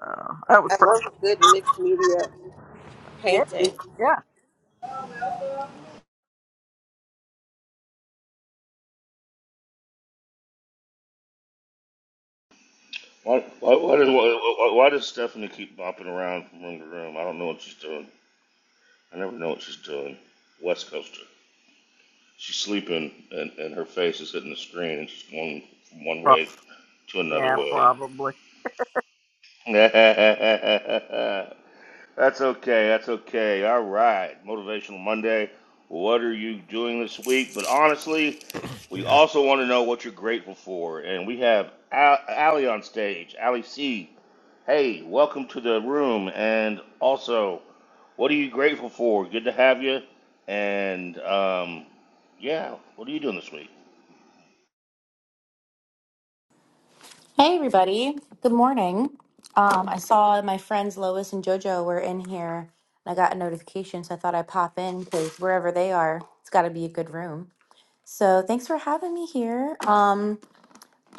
Speaker 1: that was
Speaker 2: I
Speaker 1: pretty.
Speaker 2: love a good mixed media
Speaker 1: Yeah,
Speaker 2: painting.
Speaker 1: yeah,
Speaker 3: why why why, does- why why does Stephanie keep bopping around from room to room? I don't know what she's doing. I never know what she's doing. West Coaster. She's sleeping, and, and her face is hitting the screen, and she's going from one
Speaker 1: Pro-
Speaker 3: way to another
Speaker 1: yeah,
Speaker 3: way.
Speaker 1: probably.
Speaker 3: that's okay. That's okay. All right. Motivational Monday. What are you doing this week? But honestly, we
Speaker 6: Yeah,
Speaker 3: also want to know what you're grateful for, and we have Al- Allie on stage. Allie C. Hey, welcome to the room, and also, what are you grateful for? Good to have you. And um, yeah, what are you doing this week?
Speaker 7: Hey, everybody. Good morning. Um, I saw my friends Lois and JoJo were in here, and I got a notification, so I thought I'd pop in because wherever they are, it's got to be a good room. So thanks for having me here. Um,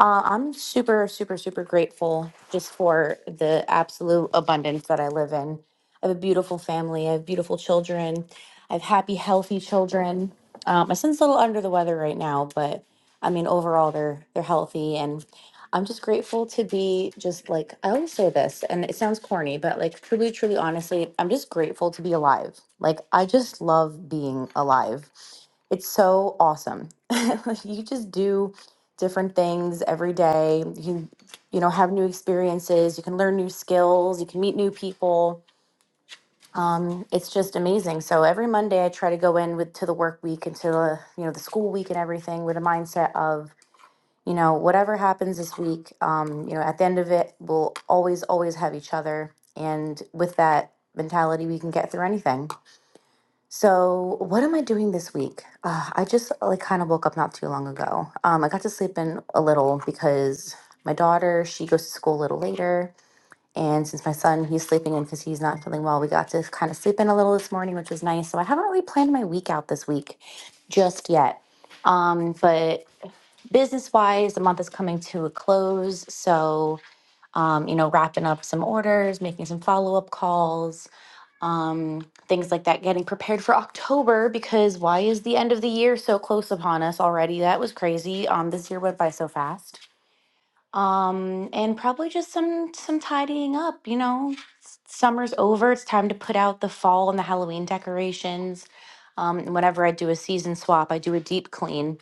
Speaker 7: uh, I'm super, super, super grateful just for the absolute abundance that I live in. I have a beautiful family. I have beautiful children. I have happy, healthy children. Uh, my son's a little under the weather right now, but I mean, overall, they're they're healthy, and I'm just grateful to be just like I always say this, and it sounds corny, but like truly, truly, honestly, I'm just grateful to be alive. Like I just love being alive it's so awesome. Like, you just do different things every day. You you know have new experiences. You can learn new skills. You can meet new people. Um, it's just amazing. So every Monday, I try to go in with to the work week and to the you know the school week and everything with a mindset of you know whatever happens this week. Um, you know at the end of it, we'll always always have each other, and with that mentality, we can get through anything. So, what am I doing this week? Uh, I just uh, like kind of woke up not too long ago. Um, I got to sleep in a little because my daughter, she goes to school a little later. And since my son, he's sleeping in because he's not feeling well, we got to kind of sleep in a little this morning, which was nice. So, I haven't really planned my week out this week just yet. Um, but business wise, the month is coming to a close. So, um, you know, wrapping up some orders, making some follow up calls um, things like that, getting prepared for October because why is the end of the year so close upon us already? That was crazy. Um, this year went by so fast. Um, and probably just some some tidying up. You know, S- summer's over. It's time to put out the fall and the Halloween decorations. Um, and whenever I do a season swap, I do a deep clean.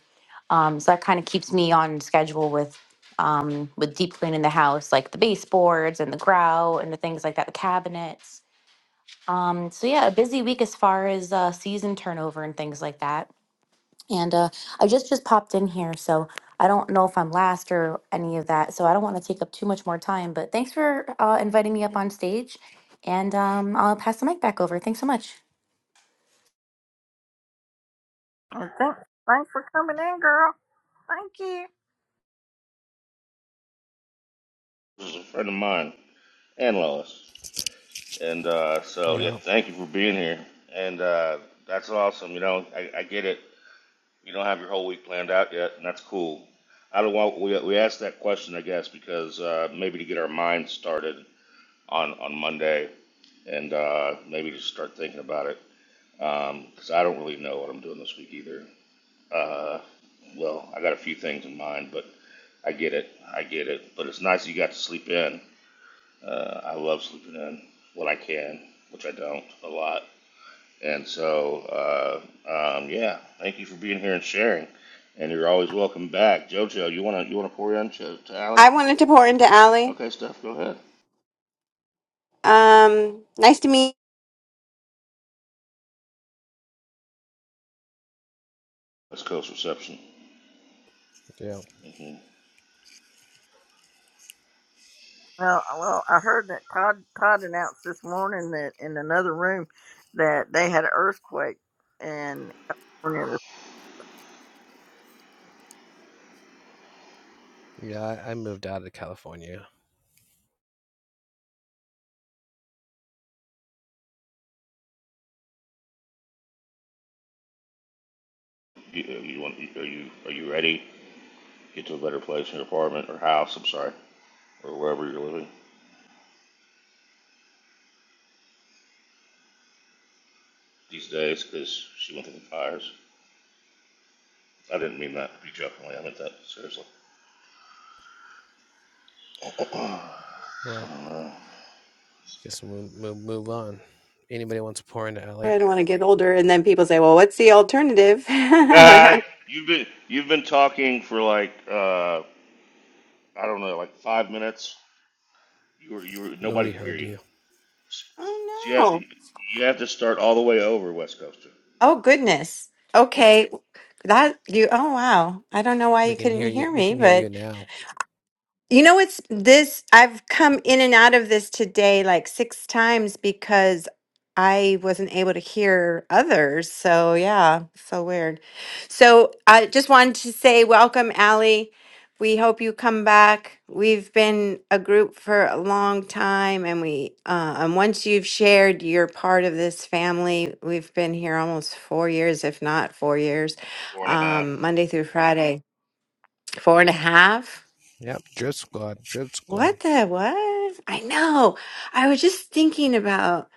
Speaker 7: Um, so that kind of keeps me on schedule with um with deep cleaning the house, like the baseboards and the grout and the things like that, the cabinets um, so yeah, a busy week as far as uh, season turnover and things like that. And uh, I just just popped in here, so I don't know if I'm last or any of that. So I don't want to take up too much more time. But thanks for uh, inviting me up on stage, and um, I'll pass the mic back over. Thanks so much.
Speaker 1: And thanks, thanks for coming in, girl. Thank you.
Speaker 3: This is a friend of mine. and Lois. And uh, so, yeah,
Speaker 6: yeah,
Speaker 3: thank you for being here. And uh, that's awesome. You know, I, I get it. You don't have your whole week planned out yet, and that's cool. I don't want we we asked that question, I guess, because uh, maybe to get our minds started on on Monday, and uh, maybe just start thinking about it. Because I don't really know what I'm doing this week either. Uh, well, I got a few things in mind, but I get it. I get it. But it's nice that you got to sleep in. Uh, I love sleeping in when I can, which I don't a lot. And so, uh, um, yeah, thank you for being here and sharing. And you're always welcome back, JoJo. You wanna you wanna pour in to, to Allie?
Speaker 8: I wanted to pour into Allie.
Speaker 3: Okay, Steph, go ahead.
Speaker 8: Um, nice to meet.
Speaker 3: West Coast reception.
Speaker 6: yeah,
Speaker 3: hmm
Speaker 1: Well, well, I heard that Todd Todd announced this morning that in another room that they had an earthquake in California.
Speaker 6: yeah. I, I moved out of California.
Speaker 3: You, uh, you want? Are you are you ready? Get to a better place in your apartment or house. I'm sorry, or wherever you're living these days, because she went through the fires. I didn't mean that to be jokingly. I meant that seriously. I
Speaker 6: Well,
Speaker 3: don't know.
Speaker 6: Guess we'll move, move on. Anybody wants to pour into
Speaker 8: you.
Speaker 6: Ellie?
Speaker 8: I don't want to get older, and then people say, "Well, what's the alternative?"
Speaker 3: Uh,
Speaker 8: right?
Speaker 3: you've been you've been talking for like uh, I don't know, like five minutes. You were you were nobody
Speaker 6: Nobody
Speaker 3: could hear
Speaker 6: heard
Speaker 3: you.
Speaker 6: you.
Speaker 3: So
Speaker 8: Oh
Speaker 3: you have,
Speaker 8: no!
Speaker 3: you have to start all the way over, West Coaster.
Speaker 8: Oh goodness.
Speaker 3: Yep,
Speaker 8: Okay, that you. Oh wow. I don't know why
Speaker 6: We
Speaker 8: you
Speaker 6: can
Speaker 8: couldn't
Speaker 6: hear you.
Speaker 8: hear
Speaker 6: We
Speaker 8: me,
Speaker 6: can hear
Speaker 8: but.
Speaker 6: you now.
Speaker 8: You know, it's this. I've come in and out of this today like six times because I wasn't able to hear others. So, yeah, so weird. So, I just wanted to say welcome, Allie. We hope you come back. We've been a group for a long time, and we, uh, and once you've shared, you're part of this family. We've been here almost four years, if not four years,
Speaker 3: four and a half.
Speaker 8: um, Monday through Friday, four and a half.
Speaker 6: Yep. Drip squad. Drip squad.
Speaker 8: What the what? I know. I was just thinking about,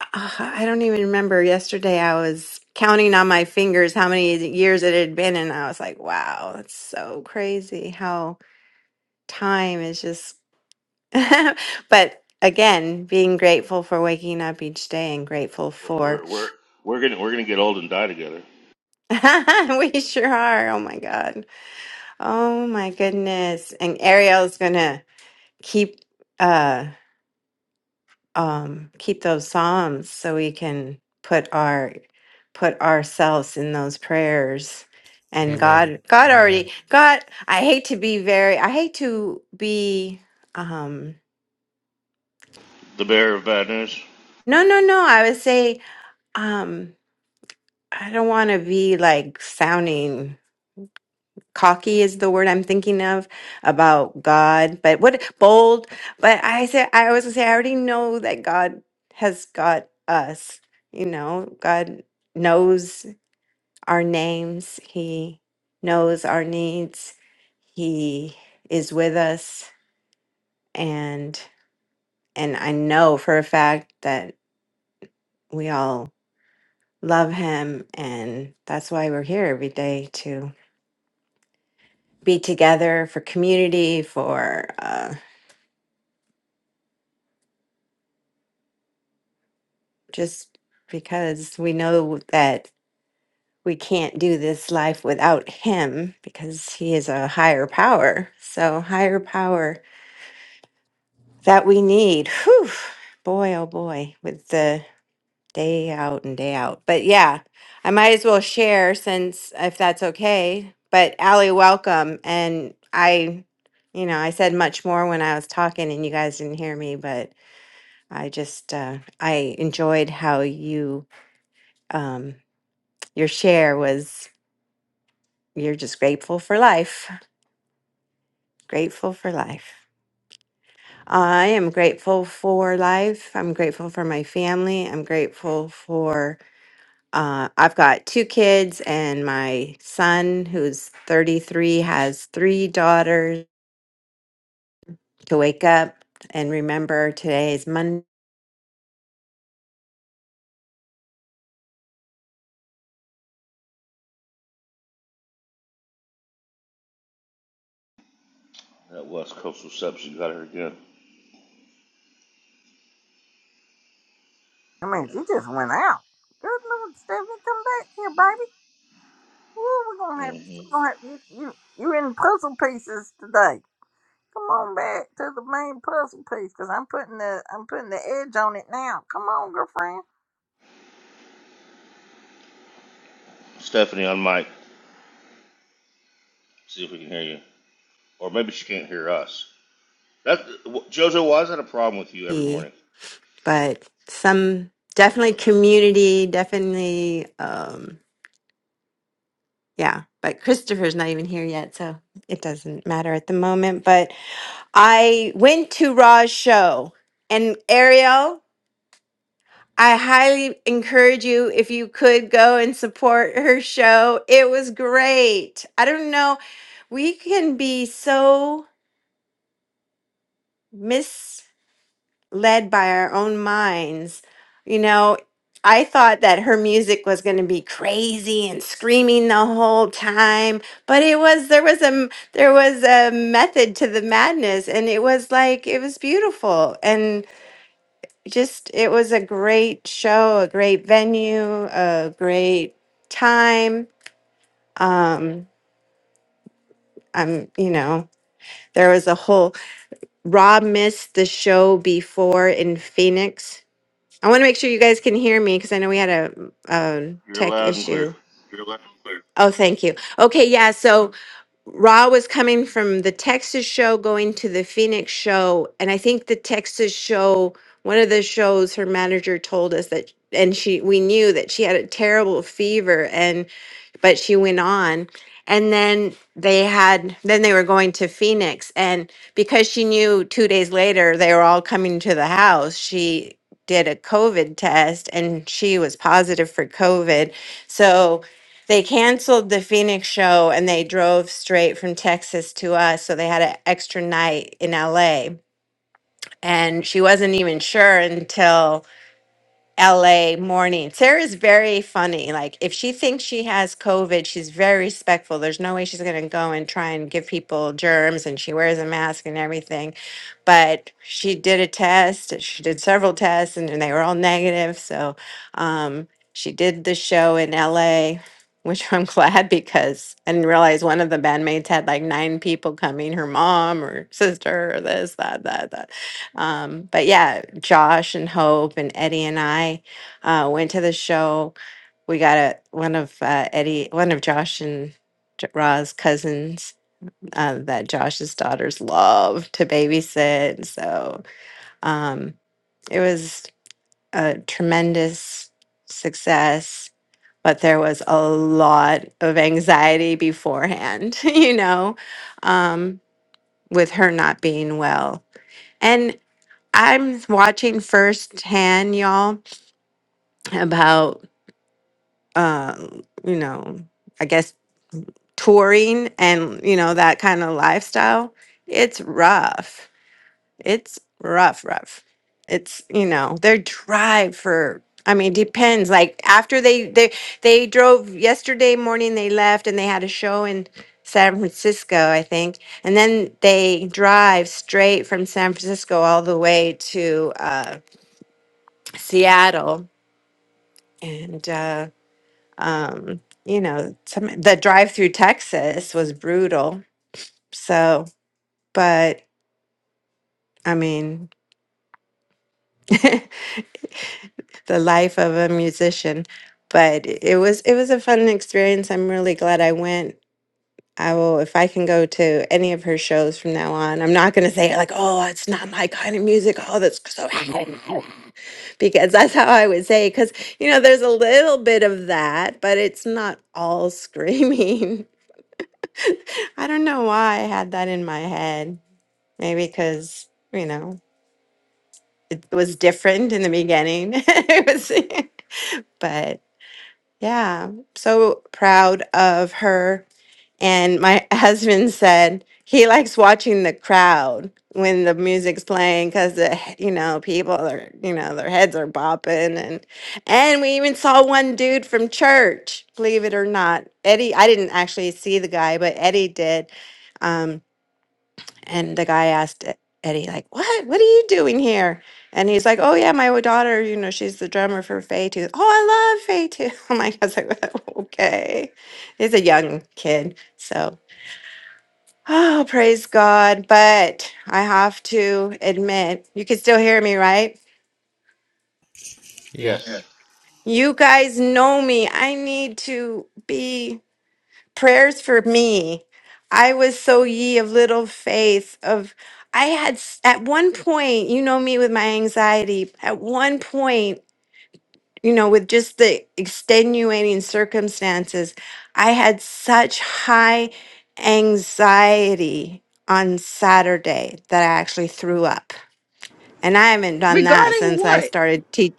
Speaker 8: uh, I don't even remember. Yesterday, I was counting on my fingers how many years it had been, and I was like, wow, that's so crazy how time is just. But again, being grateful for waking up each day and grateful
Speaker 3: We're
Speaker 8: for.
Speaker 3: we're we're, we're gonna we're gonna get old and die together.
Speaker 8: We sure are. Oh my God. Oh my goodness. And Ariel's gonna keep. uh, um, keep those psalms so we can put our put ourselves in those prayers and
Speaker 6: Amen.
Speaker 8: god god
Speaker 6: Amen.
Speaker 8: already god i hate to be very i hate to be um
Speaker 3: The bearer of bad news.
Speaker 8: no no no i would say um i don't want to be like sounding cocky is the word i'm thinking of about god but what bold but i say i always say i already know that god has got us you know god knows our names. He knows our needs. He is with us and and I know for a fact that we all love him and that's why we're here every day to be together for community for uh just because we know that we can't do this life without him because he is a higher power. So higher power that we need. Whew, boy, oh boy, with the day out and day out. But yeah, I might as well share since if that's okay. But Allie, welcome. And I, you know, I said much more when I was talking and you guys didn't hear me, but I just, uh, I enjoyed how you, um, your share was, you're just grateful for life, grateful for life. I am grateful for life. I'm grateful for my family. I'm grateful for Uh, I've got two kids, and my son, who's 33, has three daughters to wake up and remember today is
Speaker 3: That West Coast reception got her again.
Speaker 1: I mean, you just went out. Good Lord, Stephanie, come back here, baby. Woo, we're gonna have
Speaker 3: hmm
Speaker 1: we're gonna have you you you in puzzle pieces today. Come on back to the main puzzle piece because I'm putting the I'm putting the edge on it now. Come on, girlfriend.
Speaker 3: Stephanie on mic. See if we can hear you, or maybe she can't hear us. That Jojo, why is that a problem with you every
Speaker 8: Monday.
Speaker 3: morning?
Speaker 8: But some
Speaker 3: There we go.
Speaker 8: definitely community, definitely, um, yeah. But Christopher's not even here yet, so it doesn't matter at the moment. But I went to Ra's show, and Ariel. I highly encourage you if you could go and support her show. It was great. I don't know. We can be so misled by our own minds. You know, I thought that her music was going to be crazy and screaming the whole time, but it was there was a m- there was a method to the madness and it was like it was beautiful. just it was a great show, a great venue, a great time. Um, I'm, you know, there was a whole Rob missed the show before in Phoenix. I want to make sure you guys can hear me because I know we had a, a
Speaker 3: You're
Speaker 8: tech
Speaker 3: loud and clear.
Speaker 8: issue. Oh, thank you. Okay, yeah. So Raw was coming from the Texas show, going to the Phoenix show. And I think the Texas show, one of the shows, her manager told us that, and she, we knew that she had a terrible fever and, but she went on. And then they had, then they were going to Phoenix. And because she knew two days later they were all coming to the house, she did a COVID test and she was positive for COVID. So, they canceled the Phoenix show and they drove straight from Texas to us. So they had an extra night in LA. And she wasn't even sure until LA morning. Sarah's very funny. Like if she thinks she has COVID, she's very respectful. There's no way she's going to go and try and give people germs and she wears a mask and everything. But she did a test. and She did several tests and, and they were all negative. So um she did the show in LA, which I'm glad because I didn't realize one of the bandmates had like nine people coming, her mom or sister or this, that, that, that. Um, but yeah, Josh and Hope and Eddie and I uh, went to the show. We got a, one of uh, Eddie, one of Josh and J- Ra's cousins uh, that Josh's daughters love to babysit. So um, it was a tremendous success, but there was a lot of anxiety beforehand, you know, um, with her not being well. I'm watching firsthand, y'all, about uh, you know, I guess touring and you know that kind of lifestyle. It's rough. It's rough, rough. It's you know their drive for. I mean, depends. Like after they they they drove yesterday morning, they left and they had a show in San Francisco, I think, and then they drive straight from San Francisco all the way to uh, Seattle and uh, um, you know, some the drive through Texas was brutal. So, but I mean, the life of a musician. But it it was it was a fun experience. I'm really glad I went. I will if I can go to any of her shows from now on. I'm not going to say like, oh, it's not my kind of music. Oh, that's so because that's how I would say. Because you know, there's a little bit of that, but it's not all screaming. I don't know why I had that in my head. Maybe because, you know, it was different in the beginning. it was, but yeah, so proud of her. And my husband said he likes watching the crowd when the music's playing because the he- you know people are you know their heads are bopping and and we even saw one dude from church believe it or not eddie i didn't actually see the guy but eddie did Um, And the guy asked E- Eddie, like, what? What are you doing here? And he's like, oh, yeah, my daughter, you know, she's the drummer for Faye too. Oh, I love Faye too. Oh my God. I was like, okay. He's a young kid. So, oh, praise God. But I have to admit, you can still hear me, right?
Speaker 6: Yep.
Speaker 3: Yes.
Speaker 8: You guys know me. I need to be. prayers for me. I was so ye of little faith of I had s- at one point, you know me with my anxiety, at one point, you know, with just the extenuating circumstances, I had such high anxiety on Saturday that I actually threw up. And I haven't done that
Speaker 2: Regarding
Speaker 8: since I
Speaker 2: what,
Speaker 8: started teaching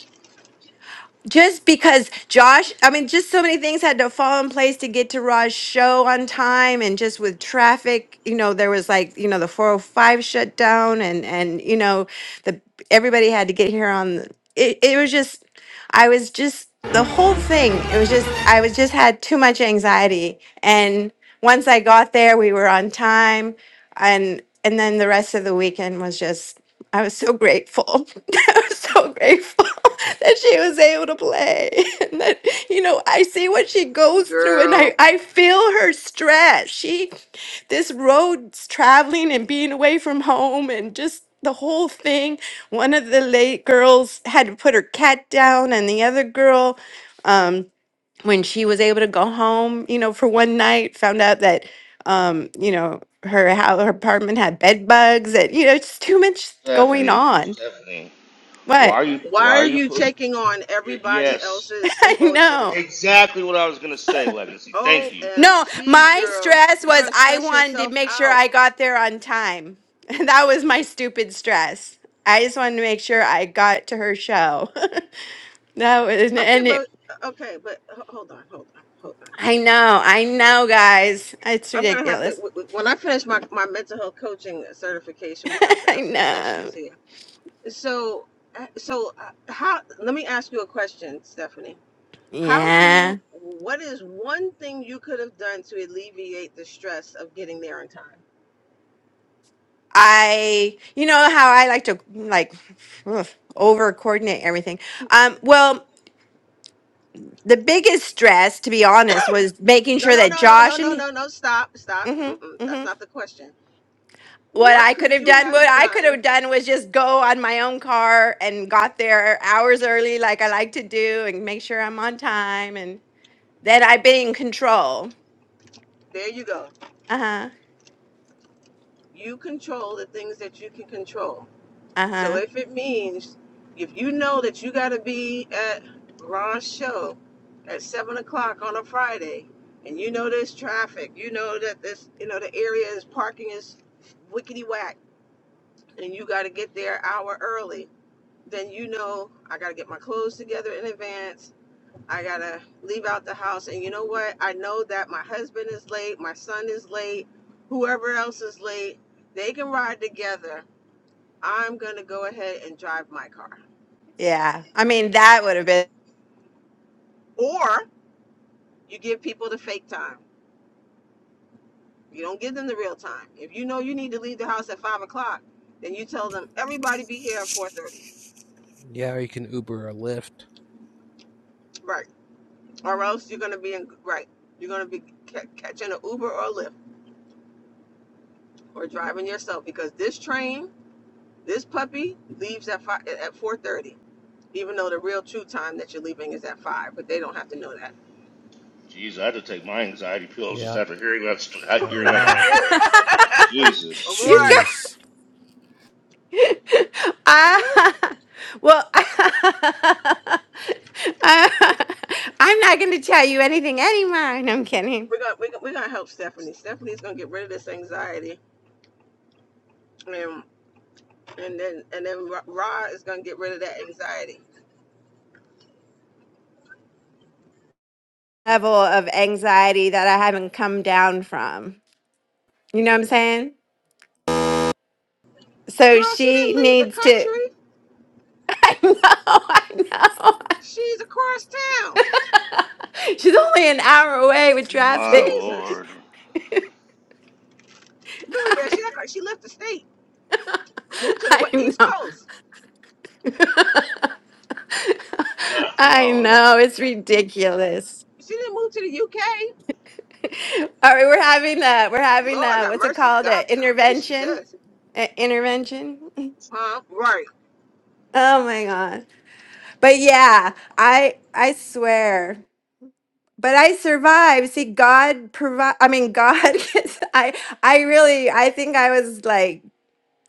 Speaker 8: just because Josh, I mean, just so many things had to fall in place to get to Raj's show on time, and just with traffic, you know, there was like you know the four hundred five shut down, and and you know the everybody had to get here on. the- It it was just, I was just the whole thing. It was just I was just had too much anxiety, and once I got there, we were on time, and and then the rest of the weekend was just I was so grateful. I was so grateful that she was able to play. And that, you know, I see what she goes through and I,
Speaker 2: girl?
Speaker 8: I feel her stress. She, this road traveling and being away from home and just the whole thing. One of the late girls had to put her cat down and the other girl. Um, when she was able to go home, you know, for one night, found out that, um, you know, her how her apartment had bed bugs, and you know, it's too much going
Speaker 3: Stephanie,
Speaker 8: on.
Speaker 3: Stephanie, why
Speaker 8: What
Speaker 3: are you why
Speaker 2: Why
Speaker 3: are
Speaker 2: are
Speaker 3: you
Speaker 2: you
Speaker 3: put?
Speaker 2: taking on
Speaker 3: y-
Speaker 2: everybody
Speaker 3: Yes,
Speaker 2: else's
Speaker 8: I know,
Speaker 2: emotions?
Speaker 3: exactly what I was gonna say, Legacy. Thank you.
Speaker 8: no,
Speaker 2: OMG,
Speaker 8: my
Speaker 2: girl.
Speaker 8: stress
Speaker 2: You're
Speaker 8: was
Speaker 2: going to
Speaker 8: I
Speaker 2: stress
Speaker 8: wanted to
Speaker 2: yourself
Speaker 8: make sure
Speaker 2: out.
Speaker 8: I got there on time. that was my stupid stress. I just wanted to make sure I got to her show. that was,
Speaker 2: Okay,
Speaker 8: and it,
Speaker 2: but, okay, but h- hold on, hold on, hold on,
Speaker 8: I
Speaker 2: hold
Speaker 8: know, I
Speaker 2: on, hold
Speaker 8: know,
Speaker 2: on.
Speaker 8: guys, it's
Speaker 2: I'm going to have to,
Speaker 8: ridiculous.
Speaker 2: w- w- when I finish my, my mental health coaching certification, we're going to have to
Speaker 8: I
Speaker 2: have some
Speaker 8: know.
Speaker 2: sessions here. So, uh, so uh, how, let me ask you a question, Stephanie How do
Speaker 8: Yeah.
Speaker 2: you, what is one thing you could have done to alleviate the stress of getting there on time?
Speaker 8: I, you know how I like to like over coordinate everything. Um, well, the biggest stress, to be honest, was making
Speaker 2: No,
Speaker 8: sure
Speaker 2: no,
Speaker 8: that
Speaker 2: no, no, no,
Speaker 8: Josh
Speaker 2: no,
Speaker 8: and
Speaker 2: no, no, stop, stop.
Speaker 8: hmm
Speaker 2: Mm-mm, that's
Speaker 8: hmm
Speaker 2: not the question.
Speaker 8: what
Speaker 2: What
Speaker 8: I could
Speaker 2: could
Speaker 8: have
Speaker 2: you
Speaker 8: done,
Speaker 2: have
Speaker 8: what I could
Speaker 2: done?
Speaker 8: have done was just go on my own car and got there hours early, like I like to do, and make sure I'm on time, and that I've been in control.
Speaker 2: There you go.
Speaker 8: Uh huh.
Speaker 2: You control the things that you can control.
Speaker 8: Uh
Speaker 2: So
Speaker 8: huh.
Speaker 2: if it means, if you know that you got to be at Ron's show at seven o'clock on a Friday, and you know there's traffic, you know that this, you know, the area is parking is wickety whack and you got to get there an hour early, then you know I got to get my clothes together in advance. I got to leave out the house. And you know what? I know that my husband is late, my son is late, whoever else is late, they can ride together. I'm going to go ahead and drive my car.
Speaker 8: Yeah. I mean, that would have been.
Speaker 2: Or you give people the fake time. You don't give them the real time. If you know you need to leave the house at five o'clock, then you tell them everybody be here at four thirty.
Speaker 6: Yeah. Or you can Uber or Lyft.
Speaker 2: Right. or else you're going to be in right you're going to be ca- catching an uber or a lyft or driving yourself because this train this puppy leaves at 5 at 4.30 even though the real true time that you're leaving is at 5 but they don't have to know that
Speaker 3: Jeez, I had to take my anxiety pills just
Speaker 6: Yep.
Speaker 3: after hearing that st-
Speaker 6: I
Speaker 3: hearing that
Speaker 6: know.
Speaker 3: share. Jesus,
Speaker 8: You go.
Speaker 2: Right.
Speaker 6: Jeez.
Speaker 2: we right
Speaker 8: Ah, well, I, am not going to tell you anything anymore. No, I'm kidding.
Speaker 2: we're gonna we're gonna, we're gonna help stephanie stephanie's gonna get rid of this anxiety and and then and then Ra Ra is gonna get rid of that anxiety
Speaker 8: Level of anxiety that I haven't come down from. You know what I'm saying? So
Speaker 2: girl she
Speaker 8: she
Speaker 2: didn't leave the
Speaker 8: needs to.
Speaker 2: country
Speaker 8: I know, I know.
Speaker 2: she's across town
Speaker 8: She's only an hour away with
Speaker 3: my
Speaker 8: traffic.
Speaker 2: jesus
Speaker 3: Lord.
Speaker 2: really bad she act like she left the state Moved to the what?
Speaker 8: I
Speaker 2: East
Speaker 8: know.
Speaker 2: Coast.
Speaker 3: No,
Speaker 8: I
Speaker 3: no, no.
Speaker 8: know. It's ridiculous.
Speaker 2: She didn't move to the UK.
Speaker 8: All right, we're having a we're having
Speaker 2: Lord
Speaker 8: a
Speaker 2: have
Speaker 8: what's it
Speaker 2: mercy.
Speaker 8: called?
Speaker 2: God
Speaker 8: An
Speaker 2: forbid she
Speaker 8: intervention?
Speaker 2: does.
Speaker 8: An intervention?
Speaker 2: Huh? Right.
Speaker 8: Oh my god. But yeah, I I swear. But I survived. See, God provide I mean God is- I I really I think I was like,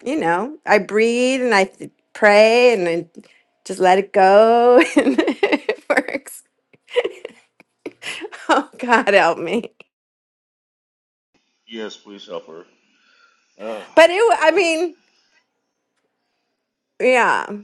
Speaker 8: you know, I breathe and I th- pray and I just let it go and it works. Oh God help me.
Speaker 3: Yes, please help her. Oh,
Speaker 8: But it wa- I
Speaker 3: Lord.
Speaker 8: mean, yeah.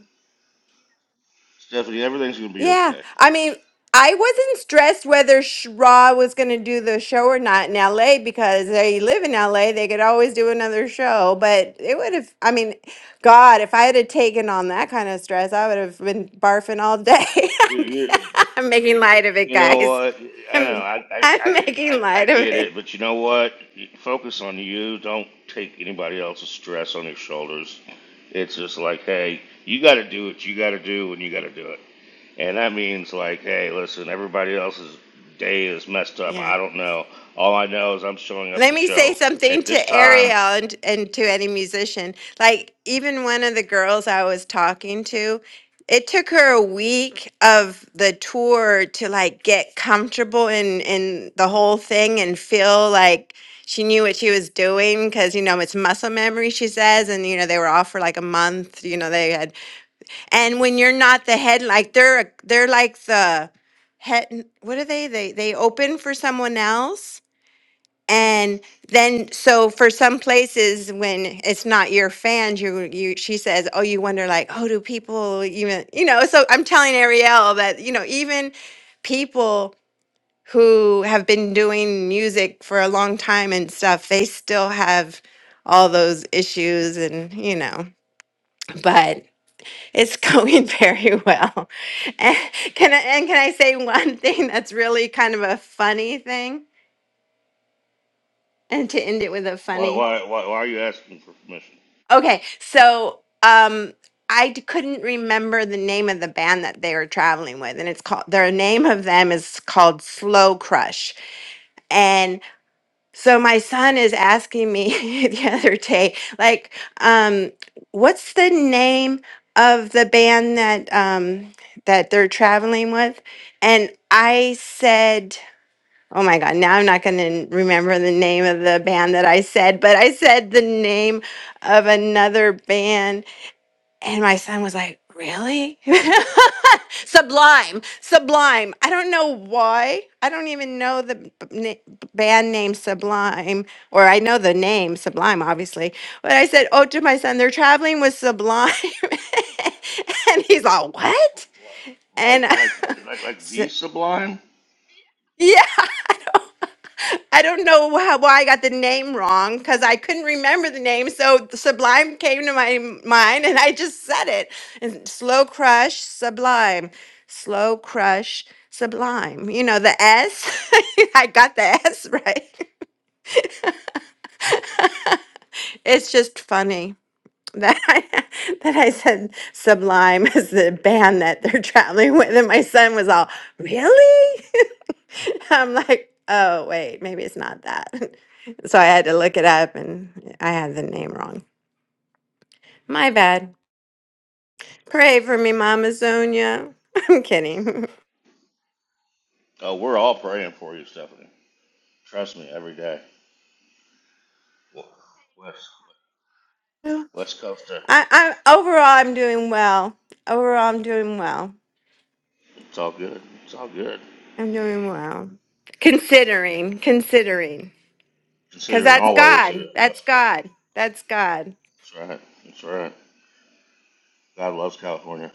Speaker 3: Stephanie, everything's gonna be
Speaker 8: Yeah.
Speaker 3: okay.
Speaker 8: I mean, I wasn't stressed whether Sh- Raw was going to do the show or not in LA because they live in LA. They could always do another show. But it would have, I mean, God, if I had have taken on that kind of stress, I would have been barfing all day. I'm making light of it,
Speaker 3: You know
Speaker 8: guys.
Speaker 3: what? I know.
Speaker 8: I'm,
Speaker 3: I I,
Speaker 8: I'm
Speaker 3: I, get,
Speaker 8: making
Speaker 3: I I
Speaker 8: light of
Speaker 3: get
Speaker 8: it.
Speaker 3: it, but you know what? Focus on you. Don't take anybody else's stress on your shoulders. It's just like, hey, you got to do what you got to do, and you got to do it. And that means like, hey, listen, everybody else's day is messed up.
Speaker 8: Yeah.
Speaker 3: I don't know. All I know is I'm showing up at
Speaker 8: Let
Speaker 3: the
Speaker 8: me say
Speaker 3: show
Speaker 8: something
Speaker 3: at this
Speaker 8: to
Speaker 3: time.
Speaker 8: Ariel and, and to any musician. Like, even one of the girls I was talking to, it took her a week of the tour to like get comfortable in in the whole thing and feel like she knew what she was doing because you know it's muscle memory she says and you know they were off for like a month you know they had and when you're not the head like they're they're like the head what are they they they open for someone else and then, so for some places, when it's not your fans, you you she says, "Oh, you wonder like, oh, do people even you know?" So I'm telling Ariel that you know even people who have been doing music for a long time and stuff, they still have all those issues and you know but it's going very well and can I, and can i say one thing that's really kind of a funny thing and to end it with a
Speaker 3: Why
Speaker 8: funny
Speaker 3: why why, why are you asking for permission?
Speaker 8: Okay, so um, I d- couldn't remember the name of the band that they were traveling with, and it's called their name of them is called Slow Crush. And so my son is asking me the other day, like, um, what's the name of the band that um, that they're traveling with? And I said. Oh my God, now I'm not going to remember the name of the band that I said, but I said the name of another band and my son was like, Really? Sublime, Sublime. I don't know why. I don't even know the b- na- band name Sublime, or I know the name Sublime, obviously. But I said, Oh, to my son, they're traveling with Sublime. and he's like, What? And
Speaker 3: Like like like like
Speaker 8: so,
Speaker 3: the sublime?
Speaker 8: I don't know how, why I got the name wrong because I couldn't remember the name. So Sublime came to my m- mind and I just said it. And slow crush, Sublime. Slow crush, Sublime. You know, the S. I got the S right. it's just funny that I, that I said Sublime is the band that they're traveling with, and my son was all, "Really?" I'm like, "Oh wait, maybe it's not that." So I had to look it up, and I had the name wrong. My bad. Pray for me, Mama Sonia. I'm kidding.
Speaker 3: Oh, we're all praying for you, Stephanie. Trust me, every day. West West Coaster.
Speaker 8: I,
Speaker 3: West Coaster.
Speaker 8: I overall, I'm doing well. Overall, I'm doing well.
Speaker 3: It's all good. It's all good.
Speaker 8: I'm doing well. Considering, considering, because
Speaker 3: Considering
Speaker 8: that's
Speaker 3: always you're a
Speaker 8: God. That's
Speaker 3: West Coaster.
Speaker 8: God. That's God.
Speaker 3: That's right. That's right. God loves California.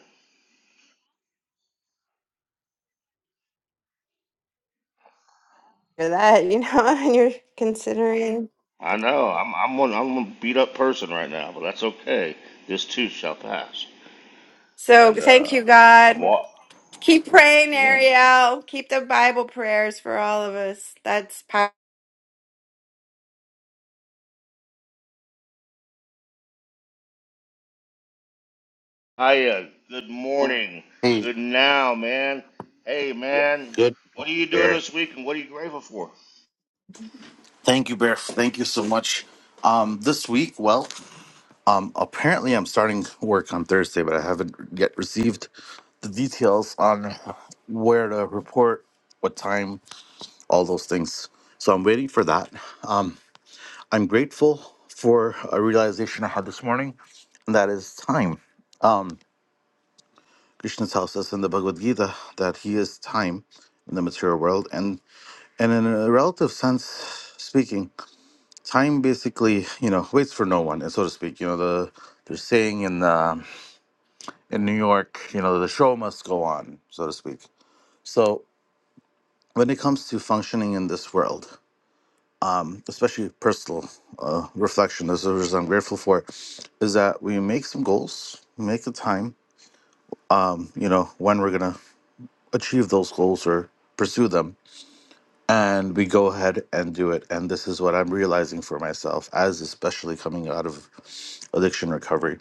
Speaker 8: for that, you know, and you're considering.
Speaker 3: I know. I'm I'm one I'm a beat up person right now, but that's okay. This too shall pass.
Speaker 8: So
Speaker 3: And
Speaker 8: thank
Speaker 3: uh,
Speaker 8: you,
Speaker 3: I'm
Speaker 8: God.
Speaker 3: wa
Speaker 8: Keep praying,
Speaker 3: Yeah.
Speaker 8: Ariel. Keep the Bible prayers for all of us. That's power.
Speaker 3: Hiya. Good morning.
Speaker 9: Hey,
Speaker 3: Good now, man. Hey, man.
Speaker 9: good
Speaker 3: What are
Speaker 9: morning,
Speaker 3: you doing
Speaker 9: Bear.
Speaker 3: this week, and what are you grateful for?
Speaker 9: Thank you, Bear. Thank you so much. Um, this week, well, um, apparently I'm starting work on Thursday, but I haven't yet received the details on where to report, what time, all those things. So I'm waiting for that. Um, I'm grateful for a realization I had this morning, and that is time. Krishna tells us in the Bhagavad Gita that he is time in the material world, and, and in a relative sense speaking, time basically you know waits for no one so to speak you know the they're saying in uh, in new york you know the show must go on so to speak so when it comes to functioning in this world um, especially personal uh, reflection this is what i'm grateful for is that we make some goals make the time um, you know when we're gonna achieve those goals or pursue them and we go ahead and do it and this is what i'm realizing for myself as especially coming out of addiction recovery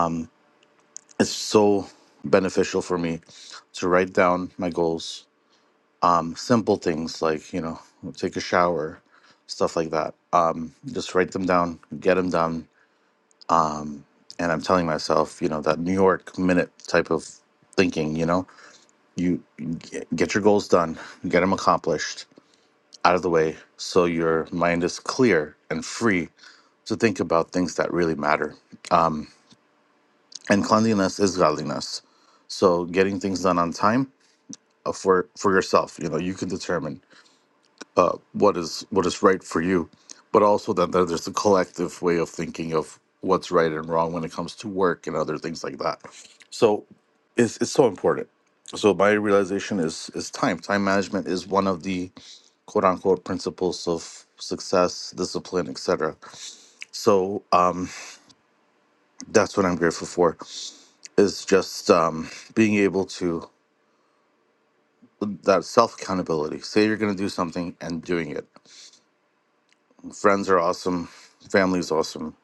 Speaker 9: Um, It's so beneficial for me to write down my goals. Um, simple things like you know, take a shower, stuff like that. Um, just write them down, get them done, and I'm telling myself, you know, that New York minute type of thinking. You know, you g- get your goals done, get them accomplished, out of the way, so your mind is clear and free to think about things that really matter. And cleanliness is godliness. So getting things done on time uh, for for yourself. You know, you can determine uh, what is what is right for you, but also then there- there's the collective way of thinking of what's right and wrong when it comes to work and other things like that. So it's it's so important. So my realization is is time. Time management is one of the quote unquote principles of success, discipline, etc. So um, that's what I'm grateful for is just um, being able to that self accountability. Say you're going to do something and doing it Friends are awesome. Family is awesome.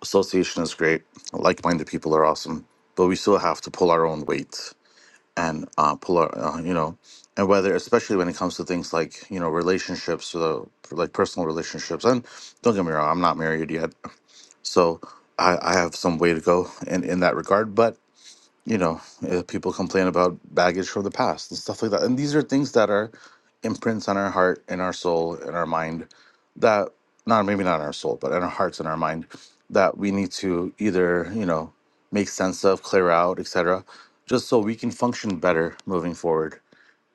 Speaker 9: Association is great. Like minded people are awesome. But we still have to pull our own weight and uh, pull our, uh, you know, and whether, especially when it comes to things like, you know, relationships, uh, like personal relationships. And don't get me wrong, I'm not married yet. So I, I have some way to go in, in that regard. But you know, uh, people complain about baggage from the past and stuff like that. And these are things that are imprints on our heart, in our soul, in our mind that not maybe not in our soul, but in our hearts and our mind that we need to either, you know, make sense of, clear out, etc., just so we can function better moving forward.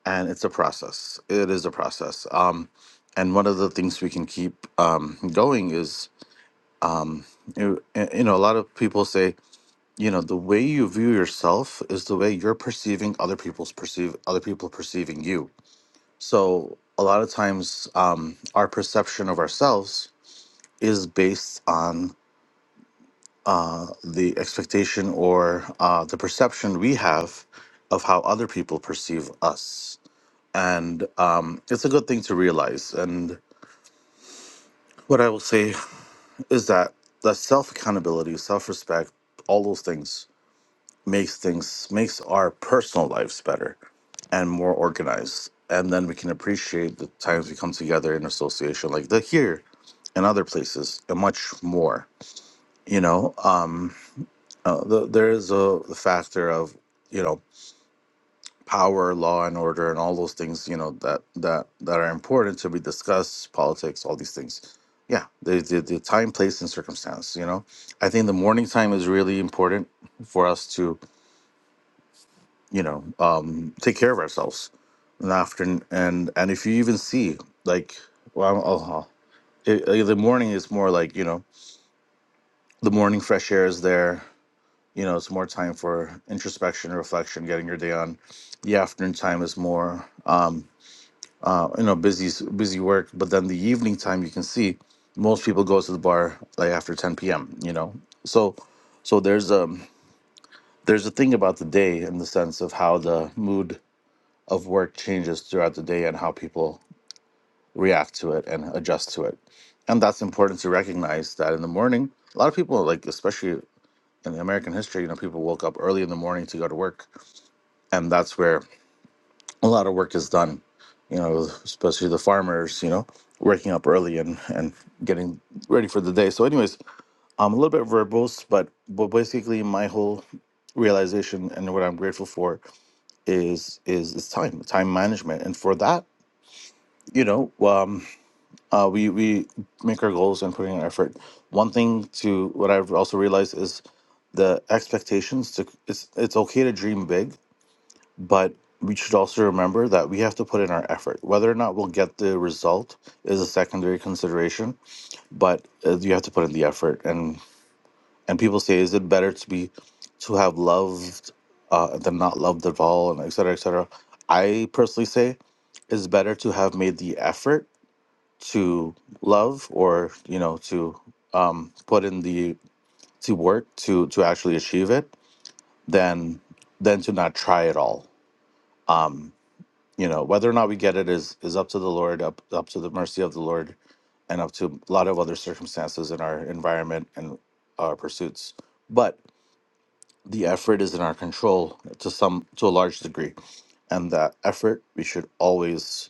Speaker 9: And it's a process. It is a process. Um, and one of the things we can keep um, going is, um, you you know, a lot of people say, you know the way you view yourself is the way you're perceiving other people's perceive other people perceiving you so a lot of times um, our perception of ourselves is based on uh, the expectation or uh, the perception we have of how other people perceive us and um, it's a good thing to realize and what i will say is that the self accountability self respect all those things makes things makes our personal lives better and more organized and then we can appreciate the times we come together in association like the here and other places and much more you know um uh, the, there is a factor of you know power law and order and all those things you know that that that are important to be discussed politics all these things yeah the, the, the time place and circumstance you know i think the morning time is really important for us to you know, um, take care of ourselves in the afternoon. And and if you even see, like, well, I'll, I'll- it, uh, the morning is more like, you know, the morning fresh air is there. You know, it's more time for introspection, reflection, getting your day on. The afternoon time is more, um, uh, you know, busy busy work. But then the evening time, you can see most people go to the bar like after 10 p.m. You know, so so there's um there's a thing about the day in the sense of how the mood of work changes throughout the day and how people react to it and adjust to it. And that's important to recognize that in the morning, a lot of people, like especially in American history, you know, people woke up early in the morning to go to work. And that's where a lot of work is done, you know, especially the farmers, you know, waking up early and, and getting ready for the day. So, anyways, I'm a little bit verbose, but, but basically, my whole realization and what I'm grateful for is is is time, time management. And for that, you know, um, uh, we we make our goals and put in our effort. One thing to what I've also realized is the expectations. To it's it's okay to dream big, but we should also remember that we have to put in our effort. Whether or not we'll get the result is a secondary consideration, but uh, you have to put in the effort. And and people say, is it better to be to have loved uh, than not loved at all, and et cetera, et cetera. I personally say it's better to have made the effort to love or you know to um, put in the to work to to actually achieve it than than to not try at all um you know whether or not we get it is is up to the lord up up to the mercy of the lord and up to a lot of other circumstances in our environment and our pursuits but the effort is in our control to some to a large degree and that effort we should always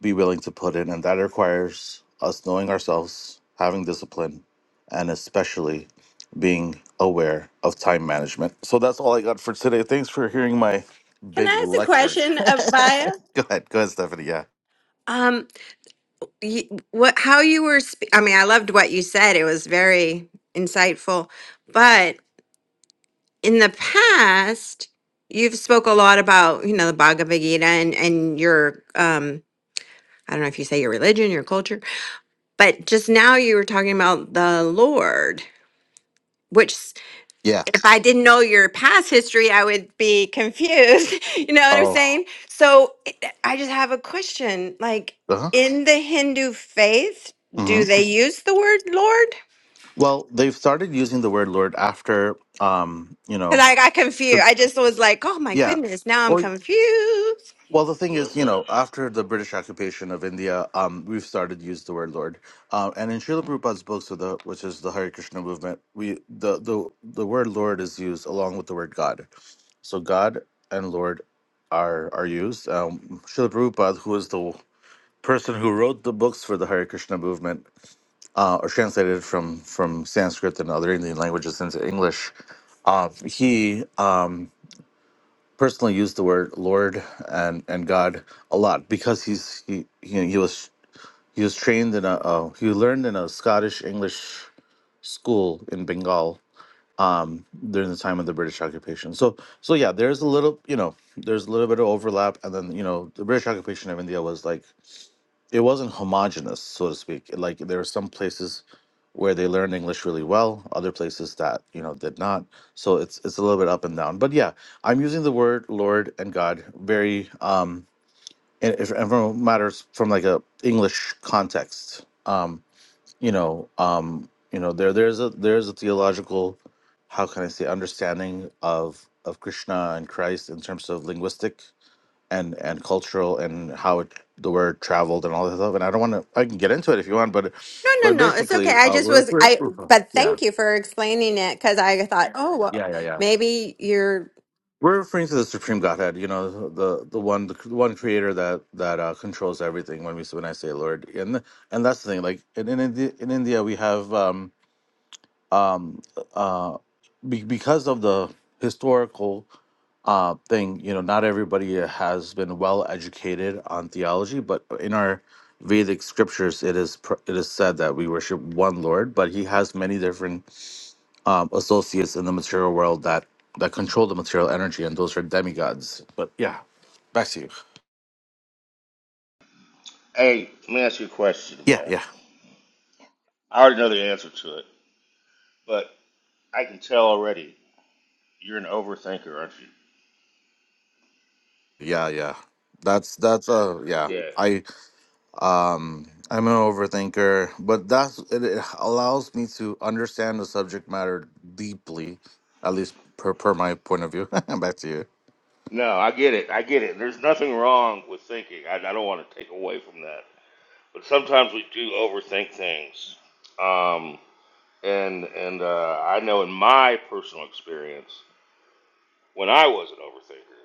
Speaker 9: be willing to put in, and that requires us knowing ourselves, having discipline, and especially being aware of time management. So that's all I got for today. Thanks for hearing my
Speaker 8: Can
Speaker 9: big
Speaker 8: I ask a
Speaker 9: lecture.
Speaker 8: question, Abaya?
Speaker 9: Go ahead, go ahead, Stephanie. Yeah,
Speaker 8: Um, you, what? How you were? Spe- I mean, I loved what you said. It was very insightful. But in the past, you've spoke a lot about you know the Bhagavad Gita and and your um. I don't know if you say your religion, your culture, but just now you were talking about the Lord which
Speaker 9: yeah.
Speaker 8: if I didn't know your past history, I would be confused. You know what I'm
Speaker 9: Oh,
Speaker 8: saying? So it- I just have a question. Like
Speaker 9: uh huh.
Speaker 8: in the Hindu faith,
Speaker 9: hmm
Speaker 8: do they use the word Lord?
Speaker 9: Well, they've started using the word "Lord" after, um, you
Speaker 8: Because
Speaker 9: know,
Speaker 8: I got confused.
Speaker 9: the
Speaker 8: I just was like, oh my
Speaker 9: yeah.
Speaker 8: goodness, now I'm
Speaker 9: Well,
Speaker 8: confused.
Speaker 9: Well, the thing
Speaker 3: Well,
Speaker 9: is,
Speaker 3: i
Speaker 9: you know, after the British occupation of India, um, we've started to use the word Lord, uh, and in Srila Prabhupada's books of the, which is the Hare Krishna movement, we the the the word Lord is used along with the word God. So God and Lord are are used. Um, Srila Prabhupada, who is the person who wrote the books for the Hare Krishna movement, uh, or translated from from Sanskrit and other Indian languages into English, uh, he um, personally used the word Lord and, and God a lot because he's he he, he was he was trained in a uh, he learned in a Scottish English school in Bengal um, during the time of the British occupation. So so yeah, there's a little you know there's a little bit of overlap, and then you know the British occupation of India was like it wasn't homogenous, so to speak. Like there were some places where they learned English really well, other places that you know did not. So it's it's a little bit up and down. But yeah, I'm using the word Lord and God very um and, if- and from matters from like a English context. Um, you know, um, you know there there's a there's a theological, how can I say, understanding of of Krishna and Christ in terms of linguistic and and cultural and how it, the word traveled and all this stuff. And I don't want to. I can get into it if you want, but
Speaker 8: No, no,
Speaker 9: but
Speaker 8: no. It's okay.
Speaker 9: basically,
Speaker 8: I
Speaker 9: uh,
Speaker 8: just
Speaker 9: we're,
Speaker 8: was
Speaker 9: we're
Speaker 8: I
Speaker 9: we're-
Speaker 8: but
Speaker 9: yeah
Speaker 8: thank you for explaining it because I thought, oh well,
Speaker 9: yeah yeah yeah.
Speaker 8: maybe you're
Speaker 9: We're referring to the supreme Godhead, you know, the the one the one Creator that that uh, controls everything. When we when I say Lord, and and that's the thing. Like in in, Indi- in India, we have um um uh be, because of the historical uh, thing. You know, not everybody uh, has been well educated on theology, but in our Vedic scriptures, it is pr- it is said that we worship one Lord, but He has many different um, associates in the material world that that control the material energy, and those are demigods. But yeah, back to you.
Speaker 3: Hey, let me ask you a question,
Speaker 9: Yeah,
Speaker 3: man.
Speaker 9: yeah,
Speaker 3: I already know the answer to it, but I can tell already. You're an overthinker, aren't you?
Speaker 9: yeah, yeah. That's that's uh yeah.
Speaker 3: Yeah.
Speaker 9: I. um i'm an overthinker but that's it, it allows me to understand the subject matter deeply at least per, per my point of view back to you
Speaker 3: No, I get it. I get it. There's nothing wrong with thinking. I, I don't want to take away from that. But sometimes we do overthink things. Um, and and uh, I know in my personal experience, when I was an overthinker,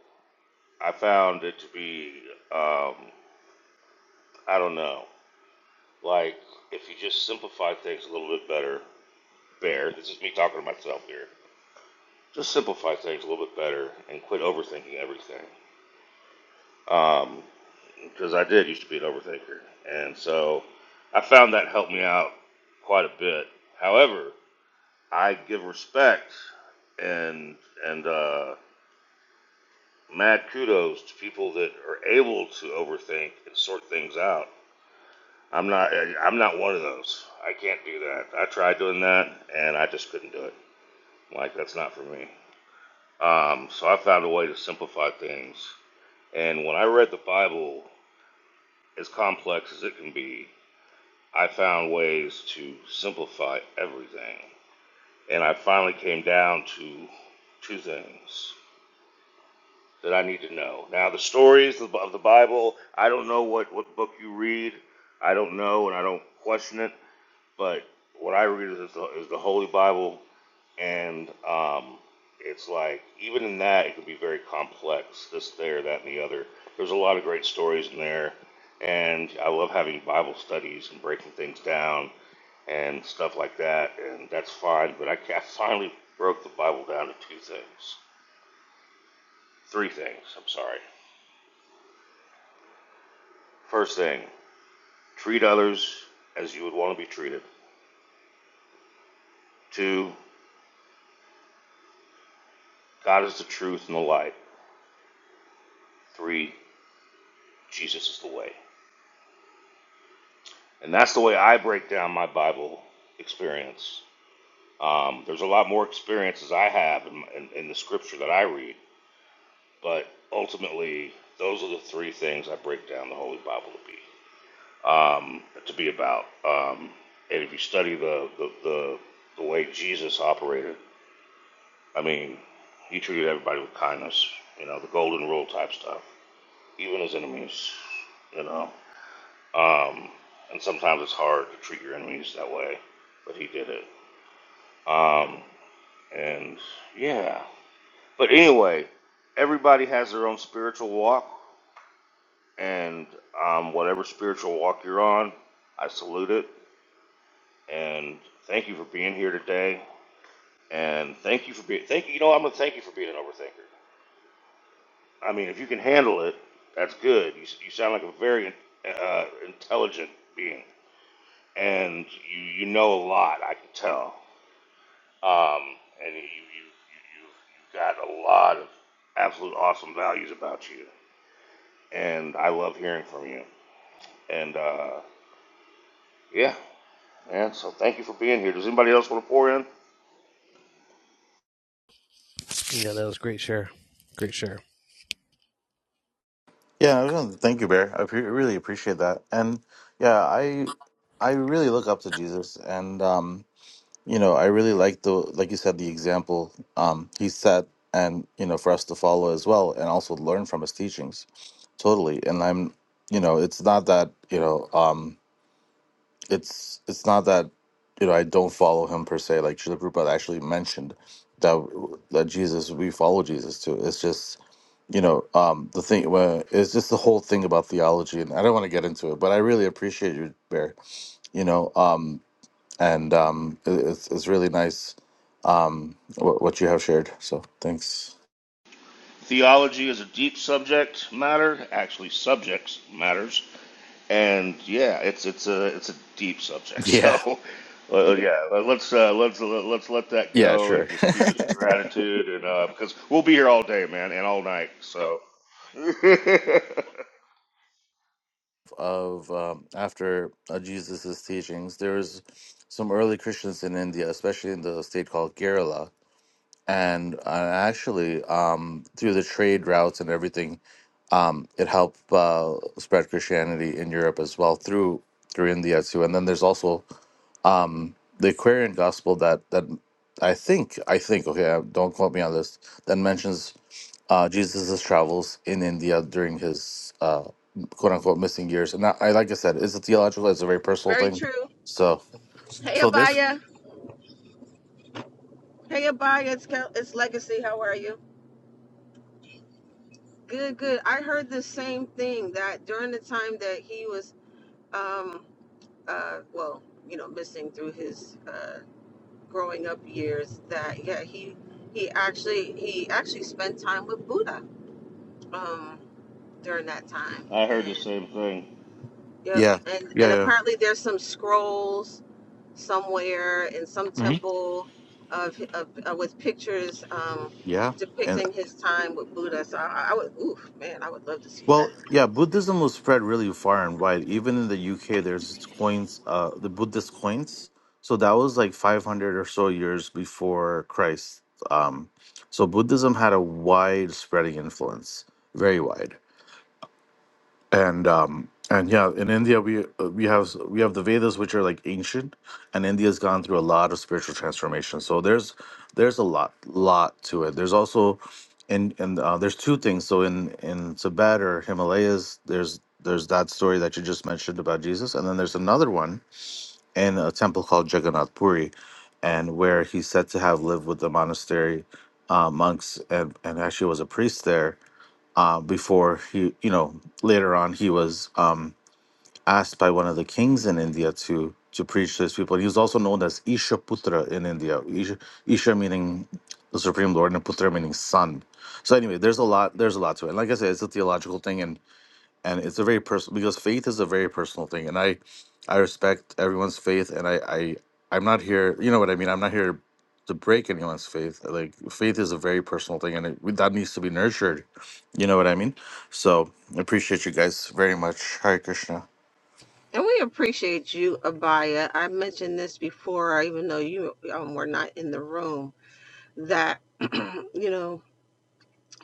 Speaker 3: I found it to be, um, I don't know, like if you just simplify things a little bit better, Bear, this is me talking to myself here, just simplify things a little bit better and quit overthinking everything. Um, because I did used to be an overthinker, and so I found that helped me out quite a bit. However, I give respect and and uh, mad kudos to people that are able to overthink and sort things out. I'm not I- am not one of those. I can't do that. I tried doing that and I just couldn't do it. Like that's not for me. Um, so I found a way to simplify things. And when I read the Bible, as complex as it can be, I found ways to simplify everything. And I finally came down to two things that I need to know. Now, the stories of the Bible, I don't know what, what book you read. I don't know, and I don't question it. But what I read is the, is the Holy Bible and um, it's like even in that it can be very complex this there that and the other there's a lot of great stories in there and i love having bible studies and breaking things down and stuff like that and that's fine but i, I finally broke the bible down to two things three things i'm sorry first thing treat others as you would want to be treated two god is the truth and the light three jesus is the way And that's the way I break down my Bible experience. Um, there's a lot more experiences I have in, in, in the scripture that I read, but ultimately, those are the three things I break down the Holy Bible to be um, to be about. Um, and if you study the, the the the way Jesus operated, I mean, he treated everybody with kindness. You know, the golden rule type stuff, even his enemies. You know, um, and sometimes it's hard to treat your enemies that way, but he did it. Um, and yeah. But anyway, everybody has their own spiritual walk, and um, whatever spiritual walk you're on, I salute it. And thank you for being here today. And thank you for being, thank you, you know, I'm going to thank you for being an overthinker. I mean, if you can handle it, that's good. You, s- you sound like a very uh, intelligent being, and you, you know a lot, I can tell. Um, and you, you, you, you've, got a lot of absolute awesome values about you. And I love hearing from you. And uh, yeah, man, so thank you for being here. Does anybody else want to pour in?
Speaker 6: Yeah, that was great share. Great share.
Speaker 9: yeah I was gonna- thank you bear i pre- really appreciate that and yeah i i really look up to jesus and um you know i really like the like you said the example um he set and you know for us to follow as well and also learn from his teachings totally and i'm you know it's not that you know um it's it's not that you know I don't follow him per se. Like Srila Prabhupada actually mentioned that that Jesus we follow Jesus too. It's just you know um, the thing. Well, it's just the whole thing about theology, and I don't want to get into it, but I really appreciate you, Bear. You know, um, and um, it, it's it's really nice um, what, what you have shared. So thanks.
Speaker 3: Theology is a deep subject matter, actually subjects matters, and yeah, it's it's a it's a deep subject.
Speaker 9: Yeah.
Speaker 3: So uh, yeah, let's uh, let's let's let that
Speaker 9: Yeah.
Speaker 3: go
Speaker 9: Sure.
Speaker 3: and just keep it to gratitude, and uh, because we'll be here all day, man, and all night. So I
Speaker 9: of um, after uh, Jesus's teachings, there was some early Christians in India, especially in the state called Kerala. And uh, actually, um, through the trade routes and everything, um, it helped uh, spread Christianity in Europe as well through through India too. And then there's also um, the Aquarian Gospel that that I think I think okay, uh, don't quote me on this. That mentions uh, Jesus' travels in India during his uh, quote unquote missing years. And I, I like I said, it's a theological, it's a very personal
Speaker 2: Very
Speaker 9: thing.
Speaker 2: true.
Speaker 9: So,
Speaker 2: Hey
Speaker 9: so this,
Speaker 2: Abaya. Hey Abaya. It's Kel- it's Legacy. How are you? Good. Good. I heard the same thing that during the time that he was, um, uh, well, you know, missing through his uh, growing up years, that yeah, he he actually he actually spent time with Buddha um, during that time
Speaker 3: heard the
Speaker 2: and.
Speaker 3: same thing.
Speaker 2: Yep.
Speaker 9: yeah,
Speaker 2: And
Speaker 9: yeah,
Speaker 2: and
Speaker 9: yeah,
Speaker 2: apparently there's some scrolls somewhere in some
Speaker 9: Mhm.
Speaker 2: temple of, of uh, with pictures um,
Speaker 9: yeah. And
Speaker 2: depicting his time with Buddha. So I, I would, oof, man, I would love to see that.
Speaker 9: well, yeah, Buddhism was spread really far and wide. Even in the UK, there's this coins, uh, the Buddhist coins. So that was like 500 or so years before Christ. Um, so Buddhism had a wide spreading influence, very wide. and um and yeah in india we uh, we have we have the vedas which are like ancient and india's gone through a lot of spiritual transformation so there's there's a lot lot to it there's also in and uh, there's two things so in in tibet or himalayas there's there's that story that you just mentioned about jesus and then there's another one in a temple called jagannath puri and where he's said to have lived with the monastery uh, monks and and actually was a priest there uh, before he, you know, later on he was um, asked by one of the kings in India to to preach to his people. He was also known as Ishaputra in India. Isha, Isha meaning the supreme lord, and Putra meaning son. So anyway, there's a lot. There's a lot to it. And like I said, it's a theological thing, and and it's a very personal because faith is a very personal thing and i i respect everyone's faith and i i i'm not here you know what i mean i'm not here to break anyone's faith like faith is a very personal thing and it, that needs to be nurtured you know what i mean so I appreciate you guys very much Hare krishna
Speaker 2: And we appreciate you, Abaya. I mentioned this before, even though you um, were not in the room. That you know.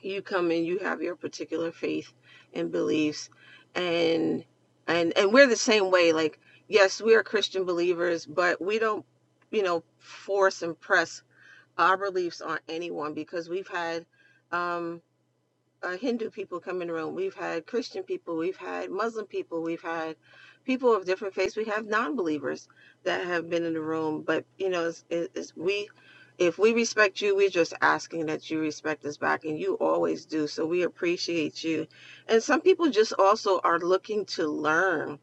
Speaker 2: you come in you have your particular faith and beliefs and and and we're the same way like yes we are christian believers but we don't you know force and press our beliefs on anyone because we've had um uh, Hindu people come in the room. We've had Christian people. We've had Muslim people. We've had people of different faiths. We have non-believers that have been in the room. But you know, it's, it's, we, if we respect you, we're just asking that you respect us back, and you always do. So we appreciate you. And some people just also are looking to learn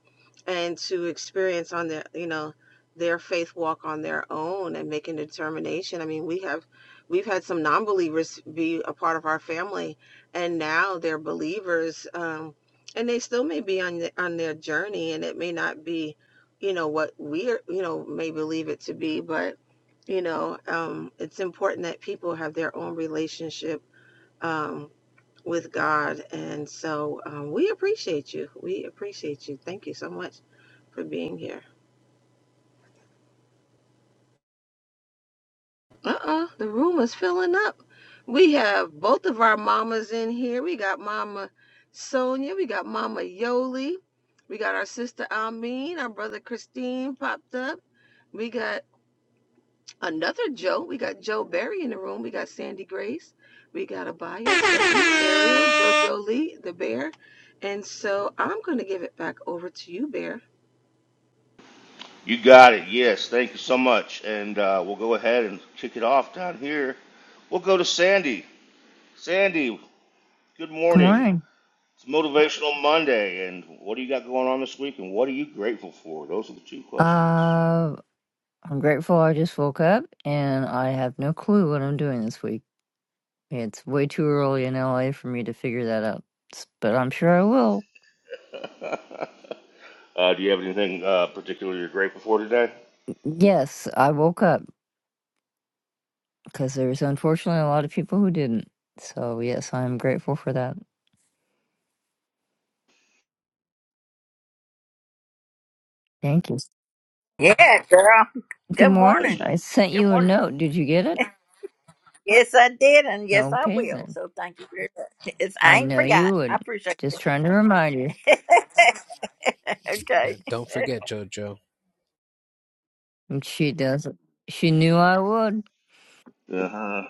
Speaker 2: and to experience on their, you know, their faith walk on their own and making a determination. I mean, we have, we've had some non-believers be a part of our family and now they're believers um and they still may be on the, on their journey and it may not be you know what we are you know may believe it to be but you know um it's important that people have their own relationship um with God and so um, we appreciate you we appreciate you thank you so much for being here Uh-uh, the room is filling up. We have both of our mamas in here. We got Mama Sonia, we got Mama Yoli, we got our sister Almeen, our brother Christine popped up. We got another Joe. We got Joe Berry in the room. We got Sandy Grace. We got Abaya, Stephanie, Ariel,
Speaker 6: Yeah.
Speaker 2: JoJo Lee, the bear. And so I'm going to give it back over to you, Bear.
Speaker 3: You got it. Yes, thank you so much, and uh, we'll go ahead and kick it off down here. We'll go to Sandy. Sandy, good
Speaker 10: Good
Speaker 3: morning.
Speaker 10: morning.
Speaker 3: It's Motivational Monday, and what do you got going on this week, and what are you grateful for? Those are the two questions.
Speaker 10: Uh, I'm grateful I just woke up and I have no clue what I'm doing this week. It's way too early in LA for me to figure that out, s- but I'm sure I will.
Speaker 3: Uh, do you have anything uh, particular you're grateful for today?
Speaker 10: Yes, I woke up because there's unfortunately a lot of people who didn't. So, yes, I'm grateful for that. Thank you.
Speaker 1: Yeah, girl.
Speaker 10: Good
Speaker 1: Good
Speaker 10: morning.
Speaker 1: morning.
Speaker 10: I sent
Speaker 1: Good
Speaker 10: you a
Speaker 1: morning.
Speaker 10: note. Did you get it?
Speaker 1: Yes, I did, and yes, I
Speaker 10: Okay,
Speaker 1: will.
Speaker 10: then.
Speaker 1: So thank you very much. It's, I
Speaker 10: I
Speaker 1: ain't
Speaker 10: know
Speaker 1: forgot.
Speaker 10: you
Speaker 1: I
Speaker 10: would.
Speaker 1: appreciate
Speaker 10: Just trying to remind you.
Speaker 1: it. okay.
Speaker 6: Don't forget, Jojo.
Speaker 10: And She does. She knew I would.
Speaker 3: Uh-huh.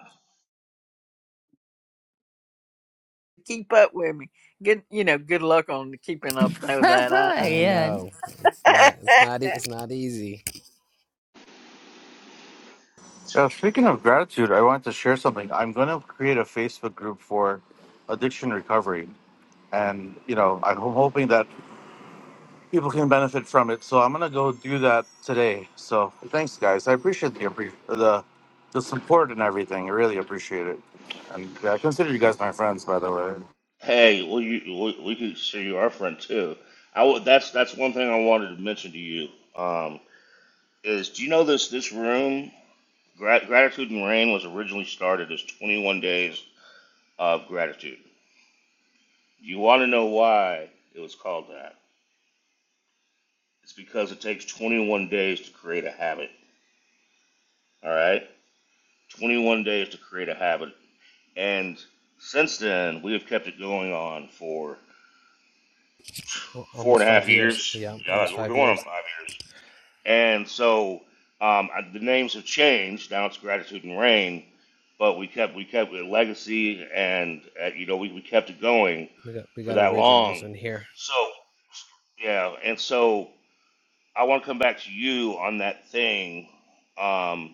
Speaker 1: Keep up with me. Good, you know, good luck on keeping up with that. I,
Speaker 6: I
Speaker 10: yeah,
Speaker 6: know. It's
Speaker 1: I,
Speaker 6: not. It's not. e- It's not easy.
Speaker 9: yeah speaking of gratitude i wanted to share something i'm going to create a facebook group for addiction recovery and you know i'm hoping that people can benefit from it. So I'm gonna go do that today. So thanks, guys. I appreciate the appre- the the support and everything. I really appreciate it. And yeah, I consider you guys my friends, by the way.
Speaker 3: Hey, well, you, we, we could sure you are friend too. I w- that's that's one thing I wanted to mention to you. Um, is do you know this this room Gra- gratitude and rain was originally started as 21 days of gratitude. You want to know why it was called that? It's because it takes 21 days to create a habit. All right. 21 days to create a habit. And since then, we have kept it going on for
Speaker 6: Al-
Speaker 3: four and
Speaker 6: Almost
Speaker 3: a
Speaker 6: five
Speaker 3: half
Speaker 6: years.
Speaker 3: years.
Speaker 6: Yeah. Almost
Speaker 3: Yeah, we're
Speaker 6: five
Speaker 3: going on
Speaker 6: years.
Speaker 3: five years. And so um, the names have changed. Now it's Gratitude and Rain, but we kept we kept a legacy, and uh, you know we, we kept it going
Speaker 6: We got. We
Speaker 3: for
Speaker 6: got
Speaker 3: that
Speaker 6: originals
Speaker 3: long.
Speaker 6: in here.
Speaker 3: So yeah, and so I want to come back to you on that thing. Um,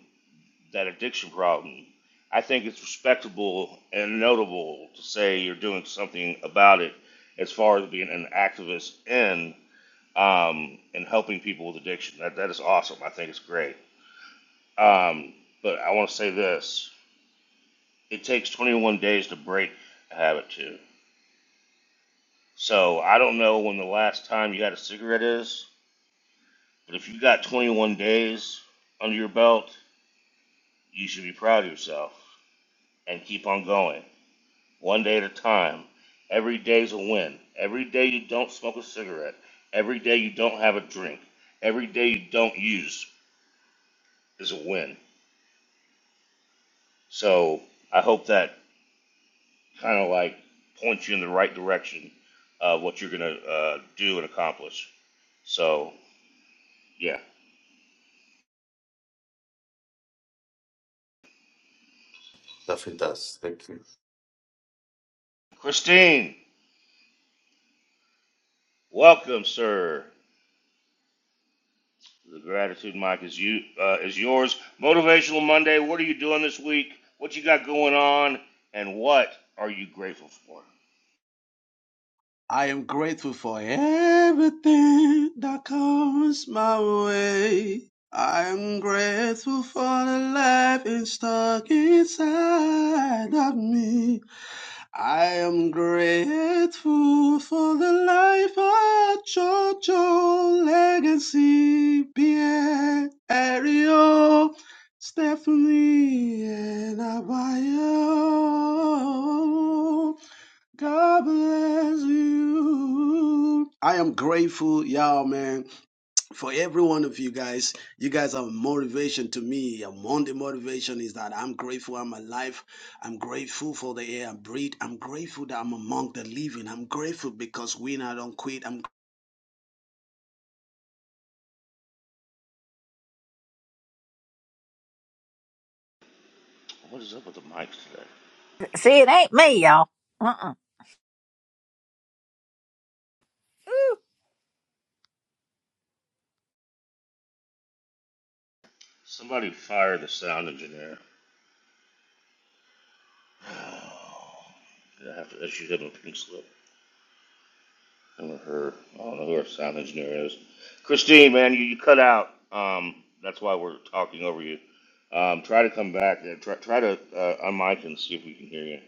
Speaker 3: that addiction problem, I think it's respectable and notable to say you're doing something about it as far as being an activist in um, and helping people with addiction. That, that is awesome. I think it's great. Um, but I want to say this it takes 21 days to break a habit, too. So I don't know when the last time you had a cigarette is, but if you got 21 days under your belt, you should be proud of yourself and keep on going one day at a time. Every day's a win. Every day you don't smoke a cigarette, every day you don't have a drink, every day you don't use is a win. So I hope that kind of like points you in the right direction of what you're going to uh, do and accomplish. So, yeah.
Speaker 9: Definitely does. Thank you.
Speaker 3: Christine, welcome, sir. The gratitude mic is you uh, is yours. Motivational Monday. What are you doing this week? What you got going on? And what are you grateful for?
Speaker 11: I am grateful for everything that comes my way. I am grateful for the life is stuck inside of me. I am grateful for the life of Jojo Legacy, Pierre, Ariel, Stephanie, and Abayo. God bless you. I am grateful, y'all, man, for every one of you guys. You guys are motivation to me. Among the motivation is that I'm grateful I'm alive. I'm grateful for the air I breathe. I'm grateful that I'm among the living. I'm grateful because we I don't quit. I'm
Speaker 3: What is up with the mics today?
Speaker 1: See, it ain't me, y'all. Uh-uh. Ooh,
Speaker 3: Somebody fire the sound engineer. I have to issue him a pink slip. Him or her. I don't know who our sound engineer is. Christine, man, you, you cut out. Um, that's why we're talking over you. Um, try to come back. and Try, try to uh, unmic and see if we can hear you.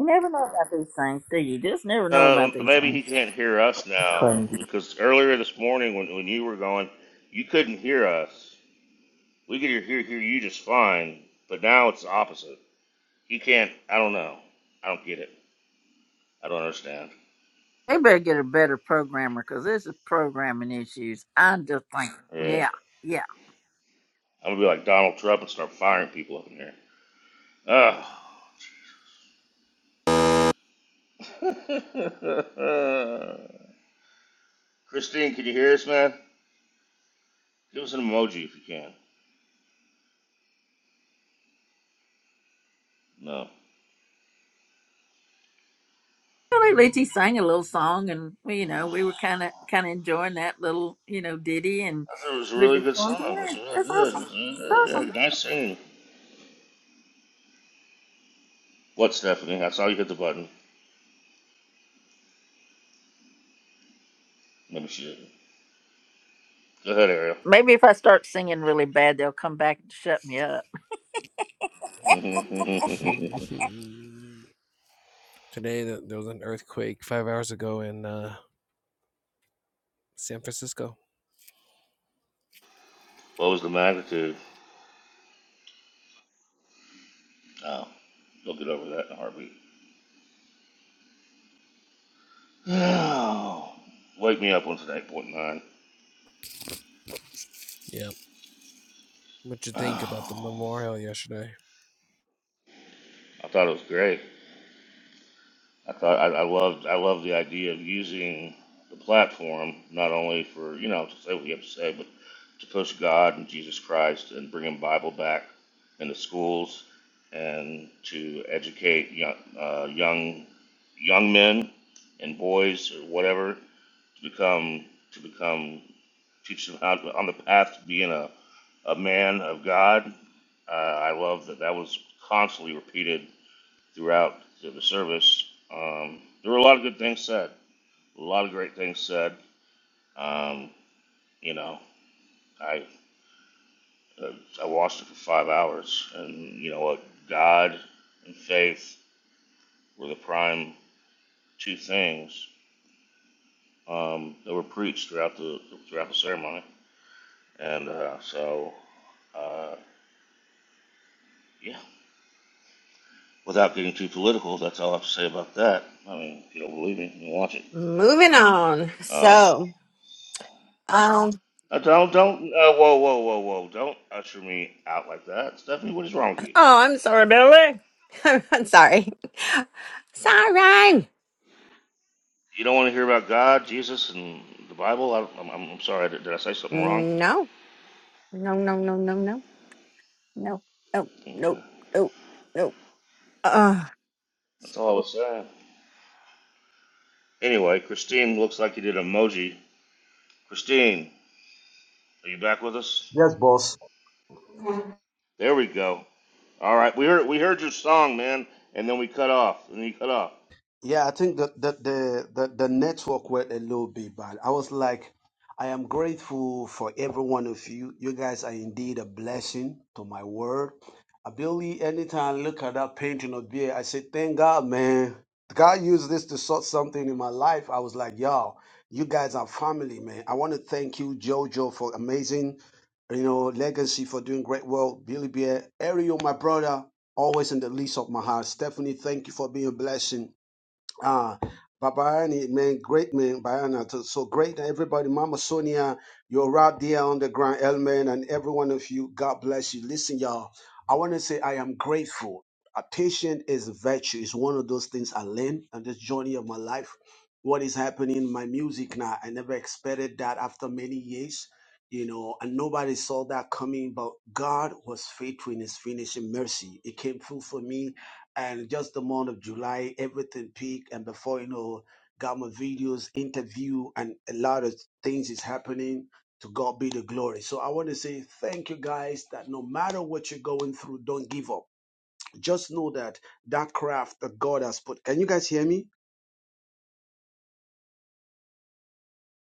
Speaker 1: You never know about these things, do you? Just never know
Speaker 3: Uh,
Speaker 1: about these
Speaker 3: maybe
Speaker 1: things.
Speaker 3: he can't hear us
Speaker 1: It's
Speaker 3: now
Speaker 1: Crazy.
Speaker 3: because earlier this morning when, when you were going, you couldn't hear us. We could hear, hear hear you just fine, but now it's the opposite. He can't. I don't know. I don't get it. I don't understand.
Speaker 1: They better get a better programmer because this is programming issues. I just think,
Speaker 3: Yeah.
Speaker 1: yeah, yeah.
Speaker 3: I'm gonna be like Donald Trump and start firing people up in here. Ah. Christine, can you hear us, man? Give us an emoji if you can. No.
Speaker 1: Well, sang a little song, and we, you know,
Speaker 3: I
Speaker 1: we were kind of kind of enjoying that little, you know, ditty, and
Speaker 3: thought it was a
Speaker 1: we're
Speaker 3: really
Speaker 1: just
Speaker 3: good
Speaker 1: going,
Speaker 3: song. It was
Speaker 1: yeah,
Speaker 3: really
Speaker 1: that's
Speaker 3: good. It was
Speaker 1: awesome,
Speaker 3: really good.
Speaker 1: that's
Speaker 3: Yeah,
Speaker 1: awesome.
Speaker 3: nice singing. What, Stephanie? I saw you hit the button. Maybe she didn't. Go ahead, Ariel.
Speaker 1: Maybe if I start singing really bad, they'll come back and shut me up.
Speaker 6: Today there was an earthquake five hours ago in uh, San Francisco.
Speaker 3: what was the magnitude? Oh, you'll get over that in a heartbeat. Oh, Wake me up on today, point nine.
Speaker 6: Yeah. What you think about the
Speaker 3: Oh.
Speaker 6: memorial yesterday?
Speaker 3: I thought it was great. I thought I, I loved I loved the idea of using the platform not only for you know to say what you have to say, but to push God and Jesus Christ and bringing Bible back into schools and to educate young uh, young young men and boys or whatever to become to become teach them how on the path to being a, a man of God. Uh, I love that that was constantly repeated throughout the service. Um, there were a lot of good things said, a lot of great things said. Um, you know, I uh, I watched it for five hours, and you know what, God and faith were the prime two things um, that were preached throughout the throughout the ceremony. And uh, so, uh, yeah, without getting too political, that's all I have to say about that. I mean, if you don't believe me, you can watch it.
Speaker 8: moving on.
Speaker 3: Uh,
Speaker 8: So um,
Speaker 3: Uh, don't don't uh, whoa whoa whoa whoa! Don't usher me out like that, Stephanie. What is wrong with you?
Speaker 8: Oh, I'm sorry, Billy. I'm sorry. Sorry.
Speaker 3: You don't want to hear about God, Jesus, and the Bible? I, I'm I'm I'm sorry. Did, did I say something wrong?
Speaker 8: No. No, no, no, no, no. No. No. No.
Speaker 3: Okay,
Speaker 8: No. No. Uh,
Speaker 3: that's all I was saying. Anyway, Christine looks like you did an emoji. Christine, are you back with us?
Speaker 11: yes, boss.
Speaker 3: There we go. All right, we heard we heard your song, man, and then we cut off, and then you cut off.
Speaker 11: Yeah, I think that the the, the the network went a little bit bad. I was like, I am grateful for every one of you. You guys are indeed a blessing to my world. I barely anytime I look at that painting of beer, I say, Thank God, man. God used this to sort something in my life. I was like, y'all, you guys are family, man. I want to thank you, Jojo, for amazing, you know, legacy for doing great work. Billy Bear, Ariel, my brother, always in the least of my heart. Stephanie, thank you for being a blessing. Ah, Babayani, man, great man, Bayana. So so great, everybody. Mama Sonia, you're right there on the ground, Elman, and every one of you. God bless you. Listen, y'all, I want to say I am grateful. A patient is a virtue. It's one of those things I learned on this journey of my life. What is happening in my music now? I never expected that after many years, you know, and nobody saw that coming, but God was faithful in his finishing mercy. It came through for me and just the month of July, everything peaked. And before you know, got my videos, interview, and a lot of things is happening. To God be the glory. So I want to say thank you guys that no matter what you're going through, don't give up. Just know that that craft that God has put. Can you guys hear me?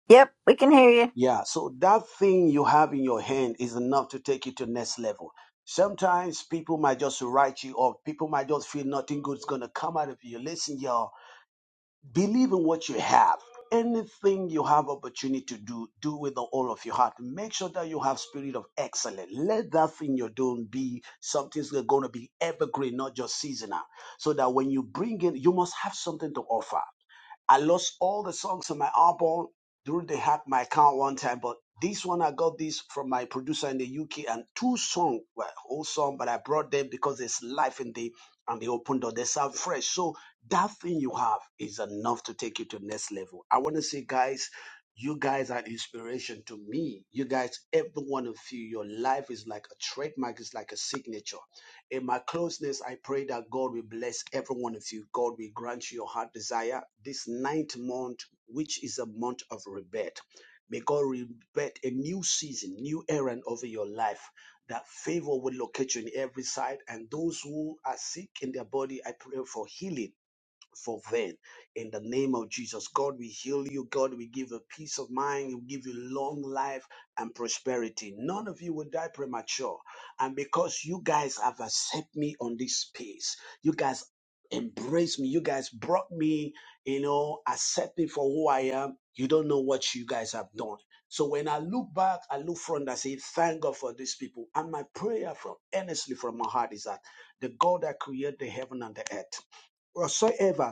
Speaker 1: Yep, we can hear you.
Speaker 11: Yeah. So that thing you have in your hand is enough to take you to next level. Sometimes people might just write you off. People might just feel nothing good's gonna come out of you. Listen, y'all. believe in what you have anything you have opportunity to do do with the all of your heart make sure that you have spirit of excellence let that thing you're doing be something that's going to be evergreen not just seasonal so that when you bring in you must have something to offer I lost all the songs on my album during they had my account one time, but this one I got this from my producer in the UK and two songs were whole song, but I brought them because there's life in the and they opened door. They sound fresh. So that thing you have is enough to take you to next level. I want to say, guys, you guys are inspiration to me. You guys, every one of you, your life is like a trademark, it's like a signature. In my closeness, I pray that God will bless every one of you. God will grant you your heart desire this ninth month, which is a month of rebirth. May God rebirth a new season, new errand over your life. That favor will locate you in every side. And those who are sick in their body, I pray for healing for them. In the name of Jesus, God, we heal you. God, we give you peace of mind. We give you long life and prosperity. None of you will die premature. And because you guys have accepted me on this space, you guys embraced me. You guys brought me, you know, accept me for who I am. You don't know what you guys have done. So when I look back, I look front, I say, thank God for these people. And my prayer from earnestly from my heart is that the God that created the heaven and the earth, whatsoever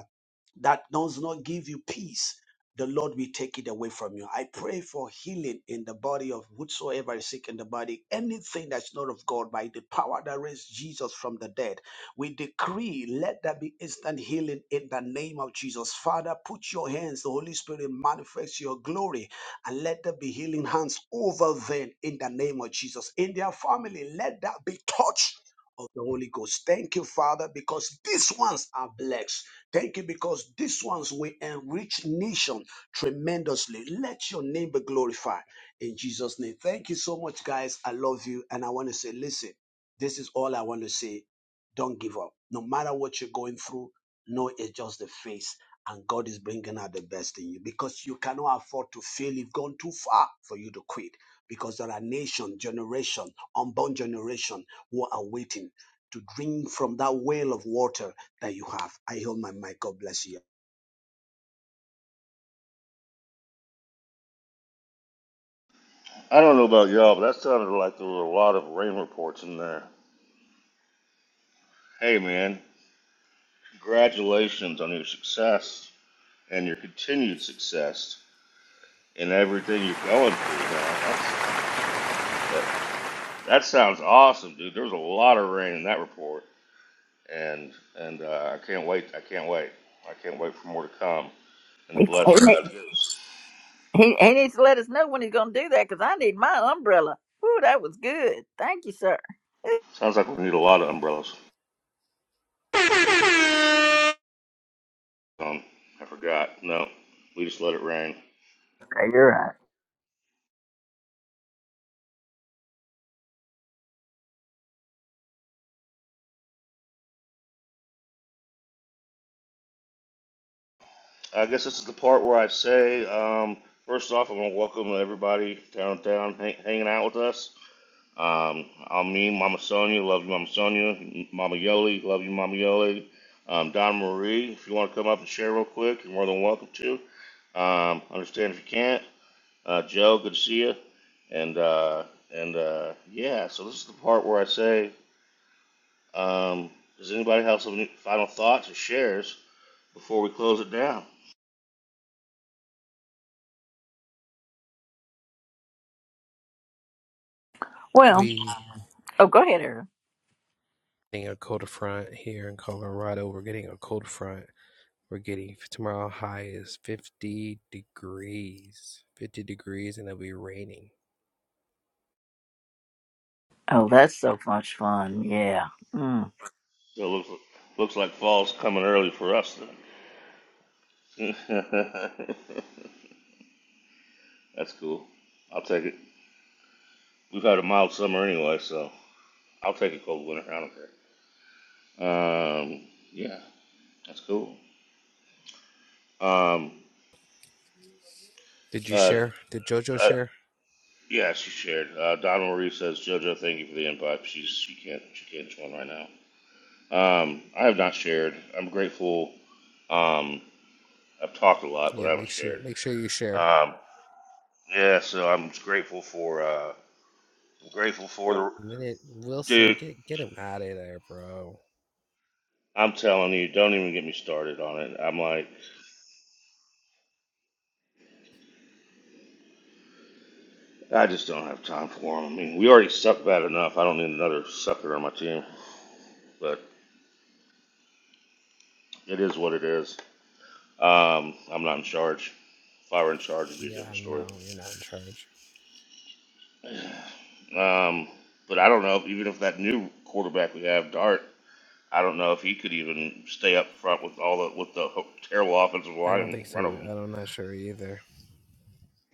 Speaker 11: that does not give you peace, the Lord will take it away from you. I pray for healing in the body of whosoever is sick in the body, anything that's not of God, by the power that raised Jesus from the dead. We decree, let there be instant healing in the name of Jesus. Father, put your hands, the Holy Spirit manifest your glory, and let there be healing hands over them in the name of Jesus. In their family, let that be touched of the Holy Ghost. Thank you, Father, because these ones are blessed. Thank you, because these ones will enrich nation tremendously. Let your name be glorified in Jesus' name. Thank you so much, guys. I love you, and I want to say, listen, this is all I want to say. Don't give up. No matter what you're going through, know it's just the phase, and God is bringing out the best in you because you cannot afford to fail. You've gone too far for you to quit because there are nation, generation, unborn generation who are waiting to drink from that well of water that you have. I hold my mic. God bless you.
Speaker 3: I don't know about y'all, but that sounded like there were a lot of rain reports in there. Hey, man, congratulations on your success. and your continued success in everything you're going through, man. That's that. That sounds awesome, dude. There was a lot of rain in that report, and and uh, I can't wait. I can't wait. I can't wait for more to come and the
Speaker 1: He,
Speaker 3: blessing
Speaker 1: he,
Speaker 3: God gives.
Speaker 1: he needs to let us know when he's going to do that because I need my umbrella. Ooh, that was good. Thank you, sir. Okay,
Speaker 3: Sounds like we need a lot of umbrellas. Um, I forgot. No, we just let it rain.
Speaker 1: You're right.
Speaker 3: I guess this is the part where I say, um, first off, I want to welcome everybody downtown hang, hanging out with us. Um, Almin, Mama Sonia, love you, Mama Sonia. Mama Yoli, love you, Mama Yoli. Um, Don Marie, if you want to come up and share real quick, you're more than welcome to. Um, understand if you can't. Uh, Joe, good to see you. And uh, and uh, yeah, so this is the part where I say, um, does anybody have some final thoughts or shares before we close it down?
Speaker 1: Well,
Speaker 6: We
Speaker 1: oh, go ahead, Aaron.
Speaker 6: getting a cold front here in Colorado. We're getting a cold front. We're getting tomorrow high is fifty degrees. Fifty degrees and it'll be raining.
Speaker 1: Oh, that's so much fun. Yeah. Mm.
Speaker 3: So it looks looks like fall's coming early for us then. That's cool. I'll take it. We've had a mild summer anyway, so. I'll take a cold winter. I don't care. Um, yeah, that's cool. Um,
Speaker 6: Did you
Speaker 3: uh,
Speaker 6: share? Did Jojo
Speaker 3: uh,
Speaker 6: share?
Speaker 3: yeah, she shared. Uh, Donna Marie says, "JoJo, thank you for the invite." She's she can't she can't join right now. Um, I have not shared. I'm grateful. Um, I've talked a lot, but
Speaker 6: Yeah,
Speaker 3: I haven't
Speaker 6: make sure
Speaker 3: shared.
Speaker 6: make sure you share.
Speaker 3: Um, yeah, so I'm grateful for. Uh, I'm grateful for the
Speaker 6: A Minute Wilson,
Speaker 3: dude.
Speaker 6: get get him out of there, bro.
Speaker 3: I'm telling you, don't even get me started on it. I'm like, I just don't have time for him. I mean, we already suck bad enough. I don't need another sucker on my team. but. It is what it is. Um, I'm not in charge. If I were in charge, it'd be a
Speaker 6: Yeah,
Speaker 3: different story.
Speaker 6: no, you're not in charge.
Speaker 3: Um, but I don't know. if- Even if that new quarterback we have, Dart, I don't know if he could even stay up front with all the with the terrible offensive
Speaker 6: I don't
Speaker 3: line in
Speaker 6: think
Speaker 3: front of
Speaker 6: so. I
Speaker 3: him.
Speaker 6: don't- I'm not sure either.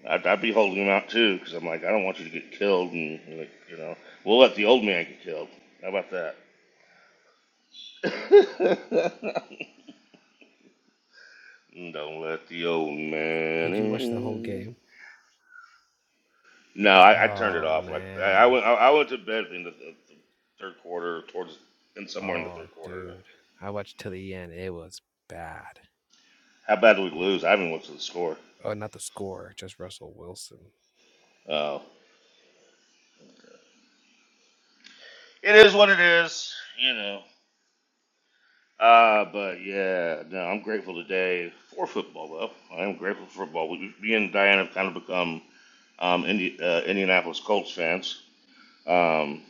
Speaker 3: I'd, I'd be holding him out too because I'm like, I don't want you to get killed, and like, you know, we'll let the old man get killed. How about that? don't let the old man
Speaker 6: Did you watch the whole
Speaker 3: in.
Speaker 6: game?
Speaker 3: No, I, I turned it
Speaker 6: Oh
Speaker 3: off. Like I, I
Speaker 6: man.
Speaker 3: went, I, I went to bed in the, the third quarter, towards in somewhere in the
Speaker 6: Oh
Speaker 3: third quarter.
Speaker 6: dude. I watched till the end. It was bad.
Speaker 3: How bad did we lose? I haven't looked at the score.
Speaker 6: Oh, not the score, just Russell Wilson.
Speaker 3: Oh, it is what it is, you know. Uh, but yeah, no, I'm grateful today for football though. I am grateful for football. We, me and Diane have kind of become um, Indi- uh, Indianapolis Colts fans, um,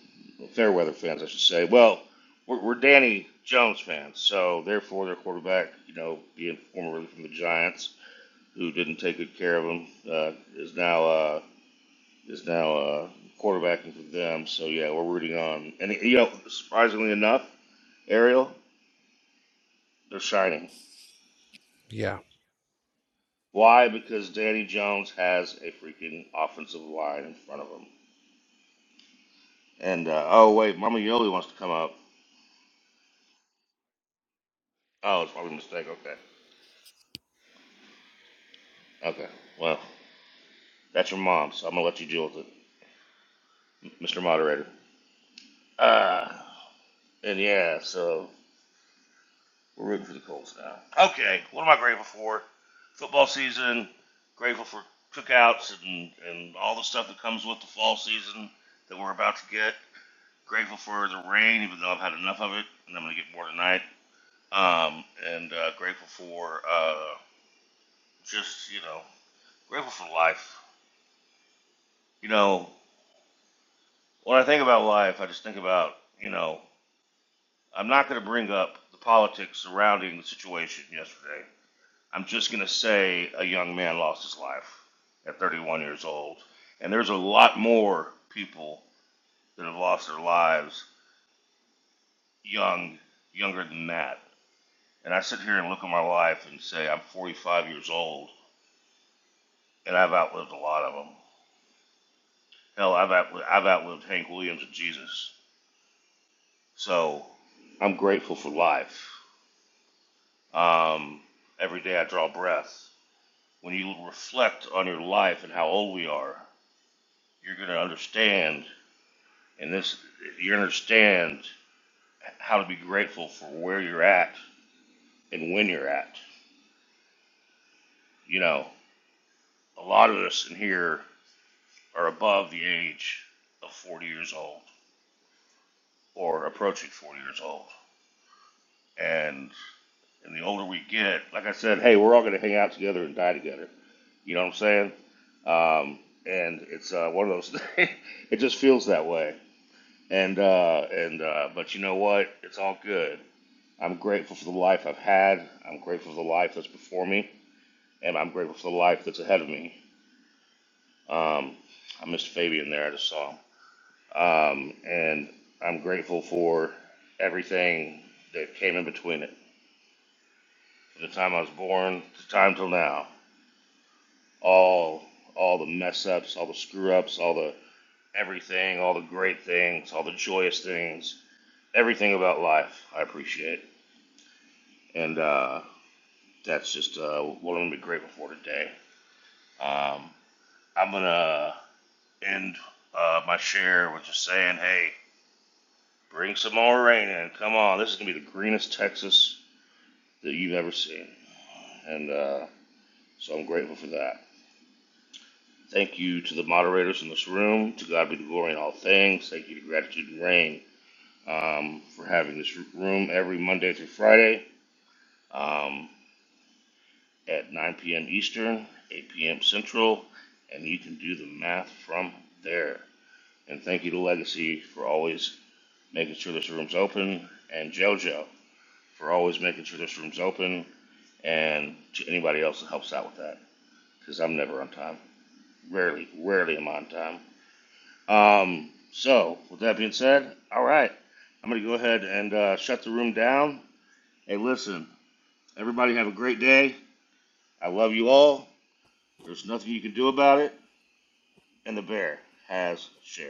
Speaker 3: fair weather fans, I should say. Well, we're, we're Danny Jones fans, so therefore their quarterback, you know, being formerly from the Giants who didn't take good care of him, uh, is now uh, is now uh, quarterbacking for them. So yeah, we're rooting on. And you know, surprisingly enough, Ariel, they're shining.
Speaker 6: Yeah.
Speaker 3: Why? Because Danny Jones has a freaking offensive line in front of him. And uh, oh wait, Mama Yoli wants to come up. Oh, it's probably a mistake. Okay, okay. Well, that's your mom, so I'm gonna let you deal with it, Mr. Moderator. Uh, and yeah, so We're rooting for the Colts now. Okay, what am I grateful for? Football season, grateful for cookouts and, and all the stuff that comes with the fall season that we're about to get. Grateful for the rain, even though I've had enough of it, and I'm going to get more tonight. Um, and uh, grateful for uh, just, you know, grateful for life. You know, when I think about life, I just think about, you know, I'm not going to bring up the politics surrounding the situation yesterday I'm just going to say a young man lost his life at 31 years old. And there's a lot more people that have lost their lives young, younger than that. And I sit here and look at my life and say, I'm 45 years old, and I've outlived a lot of them. Hell, I've, outli- I've outlived Hank Williams and Jesus. So I'm grateful for life. Um, every day I draw breath. When you reflect on your life and how old we are, you're going to understand And this, you understand how to be grateful for where you're at and when you're at. You know, a lot of us in here are above the age of 40 years old or approaching 40 years old. And and the older we get, like I said, hey, we're all going to hang out together and die together. You know what I'm saying? Um, and it's uh, one of those. things. it just feels that way. And uh, and uh, but you know what? It's all good I'm grateful for the life I've had. I'm grateful for the life that's before me, and I'm grateful for the life that's ahead of me. Um, I missed Fabian there. I just saw him, um, and I'm grateful for everything that came in between it, from the time I was born to the time till now. All, all the mess ups, all the screw ups, all the everything, all the great things, all the joyous things, everything about life. I appreciate, and uh, that's just uh, what I'm gonna be grateful for today. Um, I'm gonna end uh, my share with just saying, hey, bring some more rain in. Come on, this is gonna be the greenest Texas that you've ever seen, and uh, so I'm grateful for that. Thank you to the moderators in this room. To God be the glory in all things. Thank you to Gratitude and Rain um, for having this room every Monday through Friday um, at 9 p.m. Eastern, 8 p.m. Central, and you can do the math from there. And thank you to Legacy for always making sure this room's open, and JoJo for always making sure this room's open, and to anybody else that helps out with that, because I'm never on time. Rarely, rarely am I on time. Um, so, with that being said, all right, I'm going to go ahead and uh, shut the room down. Hey, listen, everybody have a great day. I love you all. There's nothing you can do about it, and the bear has shared.